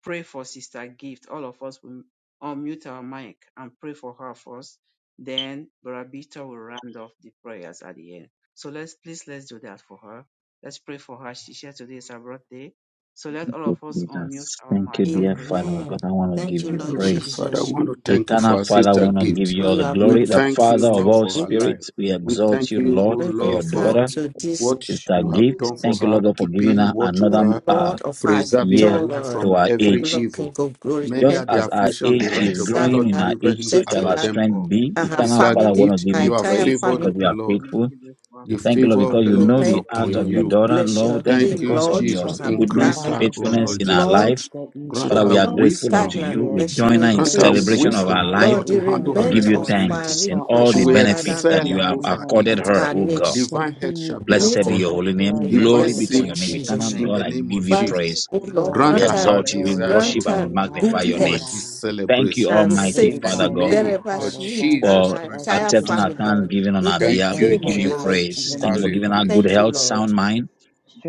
[SPEAKER 2] pray for Sister Gift. All of us will unmute our mic and pray for her first. Then Brother Victor will round off the prayers at the end. So let's please let's do that for her. Let's pray for her. She shared today is her birthday. So let all
[SPEAKER 3] Thank you,
[SPEAKER 2] of us unmute
[SPEAKER 3] Jesus.
[SPEAKER 2] our
[SPEAKER 3] Thank you,
[SPEAKER 2] mic and
[SPEAKER 3] dear
[SPEAKER 2] pray for
[SPEAKER 3] Father.
[SPEAKER 2] her.
[SPEAKER 4] Amen.
[SPEAKER 3] God,
[SPEAKER 1] Amen.
[SPEAKER 3] I want to
[SPEAKER 1] Thank
[SPEAKER 4] Thank
[SPEAKER 3] give
[SPEAKER 1] you,
[SPEAKER 4] you,
[SPEAKER 2] Oh,
[SPEAKER 3] you
[SPEAKER 4] Lord
[SPEAKER 1] Lord
[SPEAKER 4] Heavenly
[SPEAKER 2] thank
[SPEAKER 4] Jesus.
[SPEAKER 3] praise.
[SPEAKER 2] you,
[SPEAKER 4] Father, I
[SPEAKER 2] thank
[SPEAKER 1] Jesus,
[SPEAKER 4] want to thank you
[SPEAKER 2] you,
[SPEAKER 3] Eternal
[SPEAKER 4] for our
[SPEAKER 3] Father, I
[SPEAKER 4] sister
[SPEAKER 3] want to give
[SPEAKER 4] gift.
[SPEAKER 3] you
[SPEAKER 4] I
[SPEAKER 1] for
[SPEAKER 3] all
[SPEAKER 1] you
[SPEAKER 3] the
[SPEAKER 4] are
[SPEAKER 1] have
[SPEAKER 4] We
[SPEAKER 1] done
[SPEAKER 3] glory.
[SPEAKER 4] grateful.
[SPEAKER 3] The
[SPEAKER 1] for
[SPEAKER 4] thank
[SPEAKER 1] us,
[SPEAKER 4] you,
[SPEAKER 3] Father
[SPEAKER 2] thank
[SPEAKER 3] of
[SPEAKER 1] sister.
[SPEAKER 4] Lord,
[SPEAKER 3] all
[SPEAKER 4] for her
[SPEAKER 1] It's
[SPEAKER 4] life.
[SPEAKER 3] spirits, we
[SPEAKER 4] We
[SPEAKER 3] exalt
[SPEAKER 4] thank
[SPEAKER 3] you,
[SPEAKER 4] you, O
[SPEAKER 3] Lord,
[SPEAKER 4] Lord,
[SPEAKER 3] for your
[SPEAKER 1] bringing
[SPEAKER 4] Lord,
[SPEAKER 1] her
[SPEAKER 4] for
[SPEAKER 3] daughter.
[SPEAKER 2] you,
[SPEAKER 1] to
[SPEAKER 4] to
[SPEAKER 2] thank you, thank you,
[SPEAKER 4] this
[SPEAKER 1] this,
[SPEAKER 2] oh, bless
[SPEAKER 3] It's
[SPEAKER 4] what
[SPEAKER 3] a
[SPEAKER 4] you
[SPEAKER 2] you.
[SPEAKER 4] have done
[SPEAKER 3] gift.
[SPEAKER 4] whole for
[SPEAKER 3] Thank you, Lord,
[SPEAKER 4] her,
[SPEAKER 3] God, for giving
[SPEAKER 4] keeping
[SPEAKER 3] her
[SPEAKER 4] watch
[SPEAKER 1] oh
[SPEAKER 4] over her,
[SPEAKER 2] Bless
[SPEAKER 3] another
[SPEAKER 4] Lord
[SPEAKER 2] her,
[SPEAKER 3] uh,
[SPEAKER 1] Lord
[SPEAKER 4] of all
[SPEAKER 1] of
[SPEAKER 2] Sister
[SPEAKER 1] our
[SPEAKER 2] Gift,
[SPEAKER 4] preserving
[SPEAKER 2] and
[SPEAKER 4] her
[SPEAKER 3] year
[SPEAKER 2] bless
[SPEAKER 1] joy.
[SPEAKER 4] life glory,
[SPEAKER 2] her,
[SPEAKER 1] Oh
[SPEAKER 3] to
[SPEAKER 4] from
[SPEAKER 3] our
[SPEAKER 2] Sister
[SPEAKER 4] every
[SPEAKER 2] Gift.
[SPEAKER 4] Lord
[SPEAKER 3] age.
[SPEAKER 1] Lord,
[SPEAKER 4] evil.
[SPEAKER 1] King
[SPEAKER 4] of glory.
[SPEAKER 1] of glory,
[SPEAKER 2] Bless
[SPEAKER 4] Many
[SPEAKER 2] her,
[SPEAKER 4] are
[SPEAKER 3] Just
[SPEAKER 1] thank
[SPEAKER 4] the
[SPEAKER 1] you
[SPEAKER 2] God,
[SPEAKER 3] as
[SPEAKER 4] Lord
[SPEAKER 3] our
[SPEAKER 4] affliction
[SPEAKER 2] we
[SPEAKER 4] of
[SPEAKER 1] for
[SPEAKER 4] the
[SPEAKER 3] age
[SPEAKER 4] righteous,
[SPEAKER 3] is
[SPEAKER 4] but
[SPEAKER 1] preserving
[SPEAKER 3] growing
[SPEAKER 4] Lord,
[SPEAKER 3] in
[SPEAKER 1] her,
[SPEAKER 3] our
[SPEAKER 4] deliver
[SPEAKER 3] age,
[SPEAKER 4] him
[SPEAKER 3] so
[SPEAKER 4] out
[SPEAKER 3] shall
[SPEAKER 1] protecting
[SPEAKER 4] of
[SPEAKER 3] our
[SPEAKER 1] her,
[SPEAKER 2] Delicate
[SPEAKER 4] them
[SPEAKER 3] strength
[SPEAKER 4] all.
[SPEAKER 2] inside
[SPEAKER 3] be.
[SPEAKER 2] the
[SPEAKER 4] for
[SPEAKER 1] and
[SPEAKER 4] her
[SPEAKER 1] her
[SPEAKER 4] It's
[SPEAKER 2] letter
[SPEAKER 4] a
[SPEAKER 3] Eternal
[SPEAKER 2] of the
[SPEAKER 3] Father,
[SPEAKER 4] family,
[SPEAKER 3] I want
[SPEAKER 1] family,
[SPEAKER 3] to
[SPEAKER 4] gift
[SPEAKER 2] faith
[SPEAKER 3] give
[SPEAKER 4] her
[SPEAKER 1] her
[SPEAKER 3] you
[SPEAKER 4] you have entire family,
[SPEAKER 2] before
[SPEAKER 1] entire
[SPEAKER 3] praise
[SPEAKER 4] favored
[SPEAKER 3] because
[SPEAKER 1] family.
[SPEAKER 4] of
[SPEAKER 3] you
[SPEAKER 4] the
[SPEAKER 3] are
[SPEAKER 4] Lord.
[SPEAKER 3] faithful.
[SPEAKER 2] community with our
[SPEAKER 4] The
[SPEAKER 3] Thank you, Lord,
[SPEAKER 2] filler
[SPEAKER 4] favor
[SPEAKER 2] with the
[SPEAKER 4] of
[SPEAKER 3] because
[SPEAKER 4] the
[SPEAKER 3] you
[SPEAKER 1] We
[SPEAKER 2] Spirit
[SPEAKER 4] Lord
[SPEAKER 3] know
[SPEAKER 2] of
[SPEAKER 4] is
[SPEAKER 3] the
[SPEAKER 1] thank
[SPEAKER 2] God.
[SPEAKER 3] heart
[SPEAKER 4] upon
[SPEAKER 3] of
[SPEAKER 1] you.
[SPEAKER 3] your
[SPEAKER 1] We
[SPEAKER 4] you.
[SPEAKER 2] You
[SPEAKER 3] daughter.
[SPEAKER 2] are
[SPEAKER 1] bless
[SPEAKER 3] Lord,
[SPEAKER 1] your
[SPEAKER 3] thank you
[SPEAKER 4] Thank
[SPEAKER 2] rest
[SPEAKER 1] name,
[SPEAKER 3] because
[SPEAKER 4] you,
[SPEAKER 2] upon
[SPEAKER 3] of
[SPEAKER 1] Lord,
[SPEAKER 2] her,
[SPEAKER 1] for
[SPEAKER 3] your
[SPEAKER 2] O
[SPEAKER 4] Jesus.
[SPEAKER 1] her
[SPEAKER 2] Lord.
[SPEAKER 7] Thank you,
[SPEAKER 1] behalf.
[SPEAKER 4] Increase
[SPEAKER 3] goodness,
[SPEAKER 2] give
[SPEAKER 8] Thank
[SPEAKER 2] you
[SPEAKER 4] her,
[SPEAKER 7] Father,
[SPEAKER 4] O
[SPEAKER 3] faithfulness
[SPEAKER 7] for
[SPEAKER 4] Lord
[SPEAKER 2] thanks
[SPEAKER 3] in
[SPEAKER 7] the
[SPEAKER 2] and
[SPEAKER 3] our
[SPEAKER 4] Jesus.
[SPEAKER 7] gift
[SPEAKER 3] life.
[SPEAKER 1] Lord,
[SPEAKER 2] praise you
[SPEAKER 7] that you
[SPEAKER 1] she
[SPEAKER 2] for
[SPEAKER 4] Grant
[SPEAKER 3] Father, we
[SPEAKER 4] her
[SPEAKER 1] will
[SPEAKER 7] call
[SPEAKER 3] are
[SPEAKER 1] not be
[SPEAKER 3] grateful unto
[SPEAKER 2] favor,
[SPEAKER 4] wisdom.
[SPEAKER 1] stagnant,
[SPEAKER 3] you.
[SPEAKER 2] your
[SPEAKER 3] We
[SPEAKER 7] gift.
[SPEAKER 1] but she
[SPEAKER 2] peace,
[SPEAKER 1] will
[SPEAKER 7] We
[SPEAKER 3] join her
[SPEAKER 2] your
[SPEAKER 3] in
[SPEAKER 4] Grant
[SPEAKER 7] bless
[SPEAKER 4] her
[SPEAKER 7] you for
[SPEAKER 1] increase.
[SPEAKER 2] sincere
[SPEAKER 3] celebration
[SPEAKER 7] her
[SPEAKER 3] of our
[SPEAKER 4] wisdom,
[SPEAKER 2] peace,
[SPEAKER 4] O
[SPEAKER 7] life.
[SPEAKER 3] life
[SPEAKER 1] Lord,
[SPEAKER 4] Lord,
[SPEAKER 1] the
[SPEAKER 7] We
[SPEAKER 4] to handle
[SPEAKER 2] the
[SPEAKER 7] thank
[SPEAKER 3] to
[SPEAKER 4] her
[SPEAKER 7] you,
[SPEAKER 1] remainder
[SPEAKER 3] give you
[SPEAKER 2] running
[SPEAKER 1] of
[SPEAKER 7] Lord,
[SPEAKER 2] and
[SPEAKER 1] our
[SPEAKER 4] responsibility.
[SPEAKER 3] thanks in
[SPEAKER 7] for
[SPEAKER 2] focus
[SPEAKER 3] all
[SPEAKER 4] She
[SPEAKER 2] and
[SPEAKER 3] the
[SPEAKER 1] request,
[SPEAKER 7] all
[SPEAKER 4] will
[SPEAKER 7] that
[SPEAKER 2] for
[SPEAKER 3] benefits
[SPEAKER 1] Father,
[SPEAKER 2] us.
[SPEAKER 7] you've
[SPEAKER 3] that
[SPEAKER 4] excel
[SPEAKER 1] Lord,
[SPEAKER 3] you
[SPEAKER 7] done
[SPEAKER 3] have
[SPEAKER 7] in
[SPEAKER 4] above
[SPEAKER 7] her
[SPEAKER 4] her
[SPEAKER 3] accorded
[SPEAKER 1] meet
[SPEAKER 7] life.
[SPEAKER 3] her,
[SPEAKER 4] equals.
[SPEAKER 1] her
[SPEAKER 3] O God.
[SPEAKER 1] needs.
[SPEAKER 4] Divine health
[SPEAKER 7] Continue,
[SPEAKER 4] shall be her
[SPEAKER 7] oh
[SPEAKER 3] Blessed
[SPEAKER 1] Meet
[SPEAKER 3] be
[SPEAKER 7] God,
[SPEAKER 1] her
[SPEAKER 3] your
[SPEAKER 4] portion.
[SPEAKER 7] to
[SPEAKER 3] holy
[SPEAKER 1] needs
[SPEAKER 7] bless
[SPEAKER 3] name.
[SPEAKER 1] in
[SPEAKER 7] her
[SPEAKER 4] Divine
[SPEAKER 3] Glory
[SPEAKER 7] to
[SPEAKER 1] the
[SPEAKER 3] be
[SPEAKER 1] name
[SPEAKER 3] to
[SPEAKER 1] of
[SPEAKER 3] your
[SPEAKER 7] advance
[SPEAKER 3] name.
[SPEAKER 7] your
[SPEAKER 4] safety
[SPEAKER 2] So
[SPEAKER 3] Eternal
[SPEAKER 1] Jesus.
[SPEAKER 4] in
[SPEAKER 2] Thank
[SPEAKER 3] God,
[SPEAKER 4] the
[SPEAKER 7] kingdom.
[SPEAKER 3] I
[SPEAKER 2] you, Lord, for
[SPEAKER 4] name of
[SPEAKER 3] give you
[SPEAKER 2] doing
[SPEAKER 1] Father,
[SPEAKER 2] this
[SPEAKER 4] Jesus.
[SPEAKER 2] work
[SPEAKER 3] praise.
[SPEAKER 1] oh
[SPEAKER 2] our
[SPEAKER 1] Lord,
[SPEAKER 7] Bless
[SPEAKER 4] Grant
[SPEAKER 3] We
[SPEAKER 7] her
[SPEAKER 1] grant
[SPEAKER 4] her
[SPEAKER 7] in
[SPEAKER 1] her,
[SPEAKER 7] every
[SPEAKER 4] heart
[SPEAKER 3] exalt
[SPEAKER 2] right
[SPEAKER 3] you. We
[SPEAKER 7] area
[SPEAKER 4] desires,
[SPEAKER 2] Lord,
[SPEAKER 7] of
[SPEAKER 3] worship
[SPEAKER 1] grant
[SPEAKER 4] O
[SPEAKER 3] and
[SPEAKER 7] her
[SPEAKER 3] we
[SPEAKER 4] God,
[SPEAKER 1] her
[SPEAKER 2] in Jesus. name.
[SPEAKER 7] life,
[SPEAKER 3] magnify
[SPEAKER 1] good
[SPEAKER 3] your
[SPEAKER 7] oh
[SPEAKER 4] even as
[SPEAKER 3] name.
[SPEAKER 4] she
[SPEAKER 1] health
[SPEAKER 7] God.
[SPEAKER 3] Thank you,
[SPEAKER 4] celebrates.
[SPEAKER 1] and
[SPEAKER 7] Give her the
[SPEAKER 3] Almighty
[SPEAKER 4] In
[SPEAKER 2] We
[SPEAKER 4] the
[SPEAKER 2] thank
[SPEAKER 3] Father
[SPEAKER 1] safety
[SPEAKER 7] desires
[SPEAKER 3] God,
[SPEAKER 7] of
[SPEAKER 2] you,
[SPEAKER 4] name
[SPEAKER 7] her
[SPEAKER 2] Lord,
[SPEAKER 1] wherever
[SPEAKER 7] heart,
[SPEAKER 4] of
[SPEAKER 7] oh
[SPEAKER 1] she is
[SPEAKER 7] God, that
[SPEAKER 1] and
[SPEAKER 4] Jesus
[SPEAKER 3] for
[SPEAKER 1] her
[SPEAKER 7] she,
[SPEAKER 2] for
[SPEAKER 4] Christ
[SPEAKER 7] as she
[SPEAKER 1] entire
[SPEAKER 2] this
[SPEAKER 4] of
[SPEAKER 3] accepting
[SPEAKER 7] puts
[SPEAKER 3] our
[SPEAKER 7] you
[SPEAKER 4] Nazareth.
[SPEAKER 1] family.
[SPEAKER 7] first
[SPEAKER 3] thanksgiving on
[SPEAKER 4] In
[SPEAKER 1] In
[SPEAKER 3] our
[SPEAKER 4] the
[SPEAKER 1] the
[SPEAKER 2] in
[SPEAKER 4] Thank Jesus'
[SPEAKER 3] behalf.
[SPEAKER 4] you,
[SPEAKER 7] in
[SPEAKER 3] We
[SPEAKER 2] Jesus'
[SPEAKER 4] name of Lord
[SPEAKER 1] name
[SPEAKER 7] her
[SPEAKER 3] give
[SPEAKER 1] of
[SPEAKER 3] you
[SPEAKER 1] the
[SPEAKER 7] life,
[SPEAKER 1] Lord
[SPEAKER 4] Jesus.
[SPEAKER 7] in
[SPEAKER 3] praise.
[SPEAKER 4] Jesus.
[SPEAKER 7] the
[SPEAKER 3] Thank you
[SPEAKER 1] Jesus.
[SPEAKER 3] for
[SPEAKER 7] name
[SPEAKER 3] giving
[SPEAKER 7] of
[SPEAKER 3] our
[SPEAKER 4] Hallelujah.
[SPEAKER 3] good
[SPEAKER 4] Thank
[SPEAKER 1] Thank you,
[SPEAKER 4] you,
[SPEAKER 3] health,
[SPEAKER 4] Lord.
[SPEAKER 7] Jesus.
[SPEAKER 1] Lord.
[SPEAKER 3] sound mind.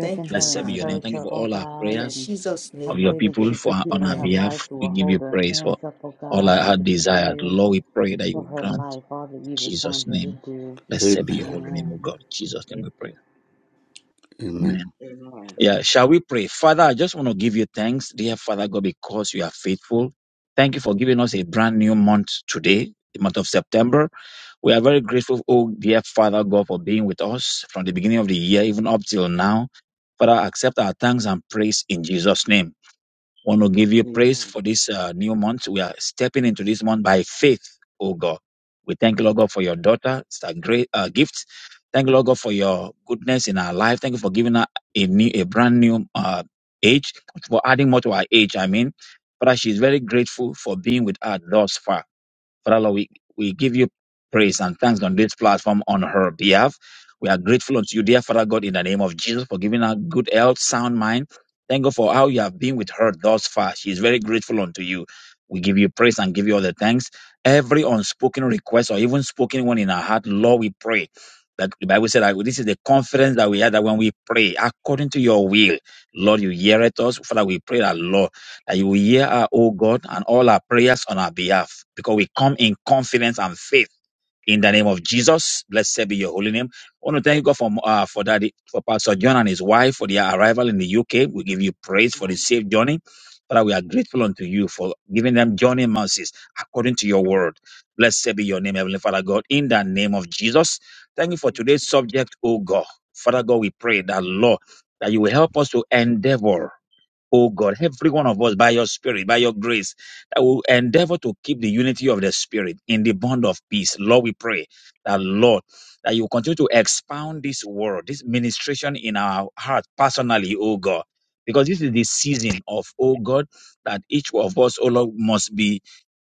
[SPEAKER 4] Thank
[SPEAKER 1] Thank you,
[SPEAKER 4] you,
[SPEAKER 7] her,
[SPEAKER 3] Blessed be your
[SPEAKER 4] Father.
[SPEAKER 1] Father.
[SPEAKER 3] name.
[SPEAKER 7] encourage
[SPEAKER 3] Thank you
[SPEAKER 7] her,
[SPEAKER 3] for
[SPEAKER 7] oh
[SPEAKER 3] all our
[SPEAKER 7] God,
[SPEAKER 4] In
[SPEAKER 1] In
[SPEAKER 3] prayers
[SPEAKER 7] and
[SPEAKER 4] Jesus'
[SPEAKER 1] Jesus'
[SPEAKER 7] I
[SPEAKER 3] of
[SPEAKER 1] name
[SPEAKER 4] name I
[SPEAKER 3] your
[SPEAKER 1] I
[SPEAKER 7] pray that
[SPEAKER 3] people
[SPEAKER 7] you
[SPEAKER 1] pray.
[SPEAKER 3] for
[SPEAKER 7] put
[SPEAKER 3] on
[SPEAKER 7] people in
[SPEAKER 3] our
[SPEAKER 4] pray.
[SPEAKER 7] her
[SPEAKER 1] Amen.
[SPEAKER 7] life
[SPEAKER 3] behalf.
[SPEAKER 7] who
[SPEAKER 3] We
[SPEAKER 7] will
[SPEAKER 3] give you
[SPEAKER 7] hold her
[SPEAKER 3] praise for
[SPEAKER 7] hands up, oh
[SPEAKER 3] all
[SPEAKER 7] God,
[SPEAKER 3] our
[SPEAKER 7] in
[SPEAKER 3] heart
[SPEAKER 7] different
[SPEAKER 3] desires.
[SPEAKER 7] areas
[SPEAKER 3] Lord, we pray that you
[SPEAKER 7] for
[SPEAKER 3] will
[SPEAKER 7] her
[SPEAKER 3] grant
[SPEAKER 7] life, all that
[SPEAKER 3] in
[SPEAKER 7] you've
[SPEAKER 3] Jesus'
[SPEAKER 7] assigned her to
[SPEAKER 3] name.
[SPEAKER 7] do.
[SPEAKER 3] Blessed be
[SPEAKER 2] name.
[SPEAKER 3] your
[SPEAKER 4] Amen.
[SPEAKER 3] holy name, O
[SPEAKER 7] Amen.
[SPEAKER 3] God. In Jesus' name we pray. Amen.
[SPEAKER 4] Amen.
[SPEAKER 2] Amen.
[SPEAKER 3] Yeah, shall we pray? Father, I just want to give you thanks, dear Father God, because you are faithful. Thank you for giving us a brand new month today, the month of September. We are very grateful, oh dear Father God, for being with us from the beginning of the year, even up till now. Father, accept our thanks and praise in Jesus' name. Want to give you
[SPEAKER 8] you,
[SPEAKER 3] praise
[SPEAKER 2] Amen.
[SPEAKER 3] for this uh, new month. We are stepping into this month by faith, oh God. We thank you, Lord God, for your daughter. It's a great uh, gift. Thank you, Lord God, for your goodness in our life. Thank you for giving her a new, a brand new uh, age, for adding more to our age. I mean, but she's very grateful for being with us thus far. Father Lord, we, we give you praise and thanks on this platform on her behalf. We are grateful unto you, dear Father God, in the name of Jesus, for giving her good health, sound mind. Thank God for how you have been with her thus far. She is very grateful unto you. We give you praise and give you all the thanks. Every unspoken request or even spoken one in our heart, Lord, we pray. That the Bible said that this is the confidence that we have that when we pray according to your will, Lord, you hear it us. Father, we pray that Lord that you will hear our, oh God, and all our prayers on our behalf because we come in confidence and faith in the name of Jesus. Blessed be your holy name. I want to thank you, God, for, uh, for that, for Pastor John and his wife for their arrival in the UK. We give you praise for the
[SPEAKER 2] Amen.
[SPEAKER 3] safe journey. Father, we are grateful unto you for giving them journey mercies according to your word. Blessed be your name, Heavenly Father God, in the name of Jesus. Thank you for today's subject, oh God. Father God, we pray that, Lord, that you will help us to endeavor O God, every one of us by your spirit, by your grace, that will endeavor to keep the unity of the spirit in the bond of peace. Lord, we pray that, Lord, that you continue to expound this word, this ministration in our heart personally, O God. Because this is the season of, O God, that each of us, O Lord, must be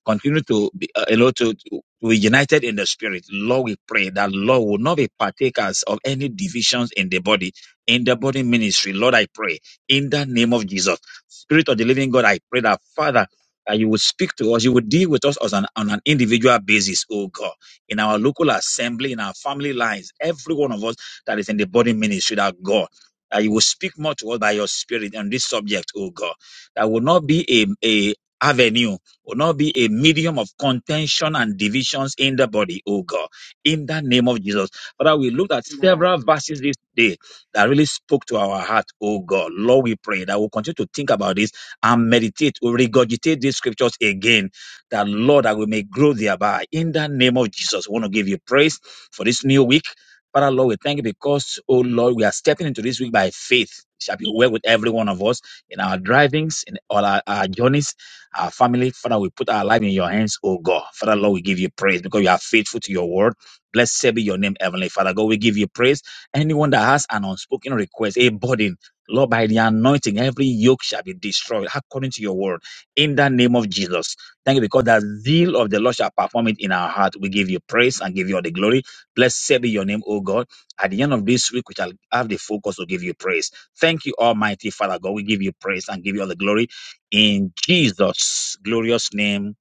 [SPEAKER 3] continue to be uh, you know, to, to be united in the spirit. Lord, we pray that Lord will not be partakers of any divisions in the body, in the body ministry. Lord, I pray in the name of Jesus. Spirit of the living God, I pray that Father, that you would speak to us, you would deal with us as an, on an individual basis, oh God, in our local assembly, in our family lives, every one of us that is in the body ministry, that God, that you will speak more to us by your spirit on this subject, oh God. That will not be a, a avenue, will not be a medium of contention and divisions in the body, oh God, in the name of Jesus. Father, we looked at
[SPEAKER 2] Amen.
[SPEAKER 3] several verses this day that really spoke to our heart, oh God. Lord, we pray that we'll continue to think about this and meditate, we'll regurgitate these scriptures again, that Lord, that we may grow thereby. In the name of Jesus, we want to give you praise for this new week. Father, Lord, we thank you because, oh Lord, we are stepping into this week by faith. It shall be well with every one of us in our drivings, in all our, our journeys, our family. Father, we put our life in your hands, oh God. Father, Lord, we give you praise because you are faithful to your word. Blessed be your name, Heavenly Father. God, we give you praise. Anyone that has an unspoken request, a burden, Lord, by the anointing, every yoke shall be destroyed according to your word. In the name of Jesus. Thank you because the zeal of the Lord shall perform it in our heart. We give you praise and give you all the glory. Blessed be your name, O God. At the end of this week, we shall have the focus to give you praise. Thank you, Almighty Father God. We give you praise and give you all the glory. In Jesus' glorious name,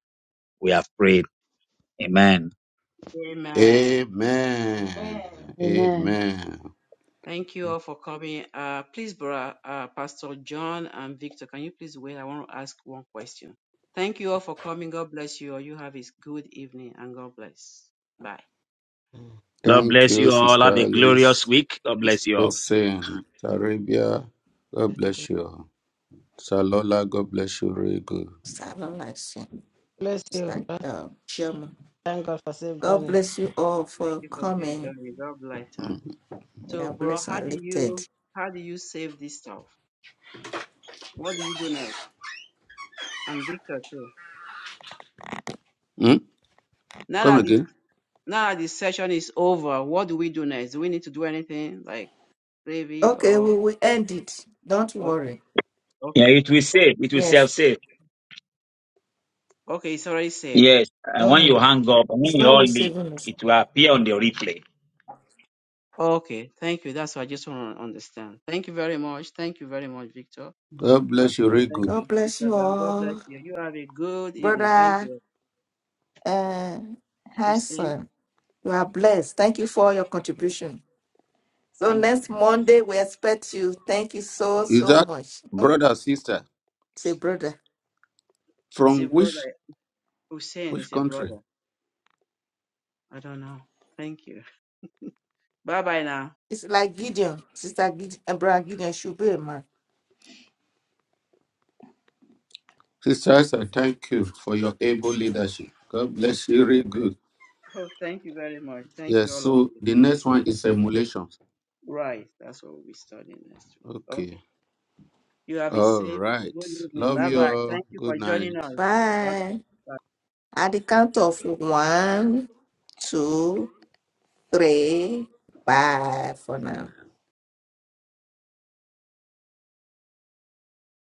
[SPEAKER 3] we have prayed. Amen.
[SPEAKER 2] Amen.
[SPEAKER 4] Amen. Amen. Amen.
[SPEAKER 7] Amen.
[SPEAKER 4] Amen.
[SPEAKER 2] Thank you
[SPEAKER 8] man.
[SPEAKER 2] all for coming. Uh, please, Bra, uh, Pastor John and Victor, can you please wait? I want to ask one question. Thank you all for coming. God bless you all. You have a good evening and God bless. Bye.
[SPEAKER 8] Mm.
[SPEAKER 3] God
[SPEAKER 4] Thank
[SPEAKER 3] bless you
[SPEAKER 4] you,
[SPEAKER 3] all.
[SPEAKER 4] Sister
[SPEAKER 3] Have a glorious
[SPEAKER 4] Alice,
[SPEAKER 3] week. God bless
[SPEAKER 4] Sister
[SPEAKER 3] you all.
[SPEAKER 4] Hossein, Sarabia. God bless you. Salola, God bless you. Very good.
[SPEAKER 1] Sarah, I
[SPEAKER 4] Sacrifice.
[SPEAKER 1] say.
[SPEAKER 8] Bless
[SPEAKER 1] It's
[SPEAKER 8] you.
[SPEAKER 4] Sister
[SPEAKER 1] like um,
[SPEAKER 4] um,
[SPEAKER 1] Chioma.
[SPEAKER 4] Chioma.
[SPEAKER 8] Thank God for safe
[SPEAKER 1] God
[SPEAKER 4] God
[SPEAKER 8] journey.
[SPEAKER 1] bless
[SPEAKER 4] bless you
[SPEAKER 1] you all
[SPEAKER 4] all
[SPEAKER 2] Thank
[SPEAKER 1] for
[SPEAKER 4] for
[SPEAKER 2] you for still
[SPEAKER 4] coming.
[SPEAKER 1] coming.
[SPEAKER 2] joining. God bless her.
[SPEAKER 1] You
[SPEAKER 2] So,
[SPEAKER 1] are
[SPEAKER 4] Yeah,
[SPEAKER 2] bro,
[SPEAKER 1] blessed
[SPEAKER 4] bless
[SPEAKER 2] how
[SPEAKER 1] and
[SPEAKER 2] do
[SPEAKER 4] and live faith.
[SPEAKER 1] lifted.
[SPEAKER 2] you how do you save this stuff? What do you do next? And Victor too.
[SPEAKER 4] Hmm?
[SPEAKER 2] Now
[SPEAKER 4] Come
[SPEAKER 2] that
[SPEAKER 1] Mm.
[SPEAKER 2] this
[SPEAKER 4] again.
[SPEAKER 2] now that this session is over, what do we do next? Do we need to do anything like save it
[SPEAKER 1] Okay,
[SPEAKER 4] Okay,
[SPEAKER 2] or
[SPEAKER 4] we
[SPEAKER 1] we will
[SPEAKER 4] will end
[SPEAKER 1] end
[SPEAKER 4] it.
[SPEAKER 1] it.
[SPEAKER 4] Don't
[SPEAKER 1] Don't
[SPEAKER 2] okay,
[SPEAKER 1] worry.
[SPEAKER 4] worry.
[SPEAKER 3] Yeah,
[SPEAKER 2] okay,
[SPEAKER 3] it will save. It will
[SPEAKER 4] Yes.
[SPEAKER 1] Yes.
[SPEAKER 3] self save.
[SPEAKER 2] okay? It's already saved.
[SPEAKER 3] Yes. And when you
[SPEAKER 4] Mm.
[SPEAKER 1] Mm.
[SPEAKER 3] hang up, and when
[SPEAKER 4] It's
[SPEAKER 1] It's
[SPEAKER 3] you
[SPEAKER 1] not
[SPEAKER 4] not
[SPEAKER 3] all
[SPEAKER 1] with
[SPEAKER 4] with
[SPEAKER 3] leave,
[SPEAKER 4] saving
[SPEAKER 1] savings.
[SPEAKER 3] it will appear on the replay.
[SPEAKER 2] Okay, thank you. That's what I just want to understand. Thank you very much. Thank you very much, Victor.
[SPEAKER 4] God
[SPEAKER 1] God
[SPEAKER 4] bless
[SPEAKER 1] bless
[SPEAKER 4] you,
[SPEAKER 2] Pastor,
[SPEAKER 4] very
[SPEAKER 1] you.
[SPEAKER 2] thank you.
[SPEAKER 4] God
[SPEAKER 1] God bless
[SPEAKER 4] bless
[SPEAKER 2] Sister
[SPEAKER 4] you
[SPEAKER 1] you
[SPEAKER 2] Mary, God bless
[SPEAKER 4] all,
[SPEAKER 1] all.
[SPEAKER 2] you. You have a good evening. Thank
[SPEAKER 1] Brother
[SPEAKER 4] brother
[SPEAKER 2] you.
[SPEAKER 1] uh,
[SPEAKER 4] and
[SPEAKER 2] Hussein,
[SPEAKER 4] Hassan.
[SPEAKER 1] Hanson,
[SPEAKER 4] You
[SPEAKER 1] you are
[SPEAKER 4] are blessed.
[SPEAKER 1] blessed.
[SPEAKER 4] Thank
[SPEAKER 1] Thank you
[SPEAKER 4] you for
[SPEAKER 1] for
[SPEAKER 4] all
[SPEAKER 1] your
[SPEAKER 4] your contribution.
[SPEAKER 1] contribution. So
[SPEAKER 4] So
[SPEAKER 2] thank
[SPEAKER 4] next
[SPEAKER 1] next
[SPEAKER 2] you.
[SPEAKER 4] Monday
[SPEAKER 1] Monday,
[SPEAKER 4] we
[SPEAKER 1] we
[SPEAKER 4] expect
[SPEAKER 1] expect you.
[SPEAKER 4] you.
[SPEAKER 1] Thank
[SPEAKER 4] Thank
[SPEAKER 1] you
[SPEAKER 4] you
[SPEAKER 1] so,
[SPEAKER 4] so Is so
[SPEAKER 1] so
[SPEAKER 4] that much.
[SPEAKER 1] much.
[SPEAKER 4] Thank brother,
[SPEAKER 1] Sister.
[SPEAKER 4] sister,
[SPEAKER 1] Say,
[SPEAKER 4] you, brother.
[SPEAKER 1] brother.
[SPEAKER 2] It's
[SPEAKER 4] from
[SPEAKER 2] a
[SPEAKER 1] From which,
[SPEAKER 4] which
[SPEAKER 2] brother. Hussein
[SPEAKER 4] which
[SPEAKER 1] which
[SPEAKER 2] is a
[SPEAKER 4] country?
[SPEAKER 1] country?
[SPEAKER 2] brother. I don't know. Thank you. Bye bye now.
[SPEAKER 1] It's
[SPEAKER 4] It's
[SPEAKER 1] like
[SPEAKER 4] like
[SPEAKER 1] Gideon.
[SPEAKER 4] Gideon,
[SPEAKER 1] Sister
[SPEAKER 4] Sister Gideon,
[SPEAKER 1] Gideon,
[SPEAKER 4] Abraham
[SPEAKER 1] Brother Gideon
[SPEAKER 4] Gideon
[SPEAKER 1] should
[SPEAKER 4] should be
[SPEAKER 1] be
[SPEAKER 4] a
[SPEAKER 1] man.
[SPEAKER 4] man. Sister
[SPEAKER 1] First,
[SPEAKER 4] Esther,
[SPEAKER 1] I thank
[SPEAKER 4] thank
[SPEAKER 1] you
[SPEAKER 4] you for
[SPEAKER 1] for
[SPEAKER 4] your
[SPEAKER 1] your
[SPEAKER 4] able
[SPEAKER 1] aging
[SPEAKER 4] leadership.
[SPEAKER 1] leadership.
[SPEAKER 4] God
[SPEAKER 1] God bless
[SPEAKER 4] bless
[SPEAKER 1] you,
[SPEAKER 4] you, very
[SPEAKER 1] rebuild.
[SPEAKER 2] Oh, thank you very much. Thank
[SPEAKER 4] Yes,
[SPEAKER 2] you, all of
[SPEAKER 1] So
[SPEAKER 4] so
[SPEAKER 2] you.
[SPEAKER 1] the
[SPEAKER 4] the
[SPEAKER 2] Thank you.
[SPEAKER 4] next
[SPEAKER 1] next
[SPEAKER 4] one
[SPEAKER 1] one
[SPEAKER 4] is
[SPEAKER 1] is emulation.
[SPEAKER 4] emulation.
[SPEAKER 2] Right. That's what we'll be studying next week.
[SPEAKER 4] Okay.
[SPEAKER 2] Okay. You have a
[SPEAKER 4] All
[SPEAKER 2] safe,
[SPEAKER 4] right.
[SPEAKER 2] good evening.
[SPEAKER 1] Love
[SPEAKER 4] Love
[SPEAKER 2] Bye
[SPEAKER 4] you
[SPEAKER 1] you all.
[SPEAKER 2] bye.
[SPEAKER 4] all.
[SPEAKER 2] Thank you
[SPEAKER 4] Good
[SPEAKER 2] for joining
[SPEAKER 4] night.
[SPEAKER 2] us. Bye
[SPEAKER 4] Bye.
[SPEAKER 1] Bye.
[SPEAKER 2] bye.
[SPEAKER 1] At
[SPEAKER 4] At the
[SPEAKER 1] the
[SPEAKER 4] count
[SPEAKER 1] count
[SPEAKER 4] of
[SPEAKER 1] of
[SPEAKER 4] one,
[SPEAKER 1] one, two,
[SPEAKER 4] two, three,
[SPEAKER 1] three, bye
[SPEAKER 4] bye
[SPEAKER 1] for
[SPEAKER 4] for now.
[SPEAKER 1] now.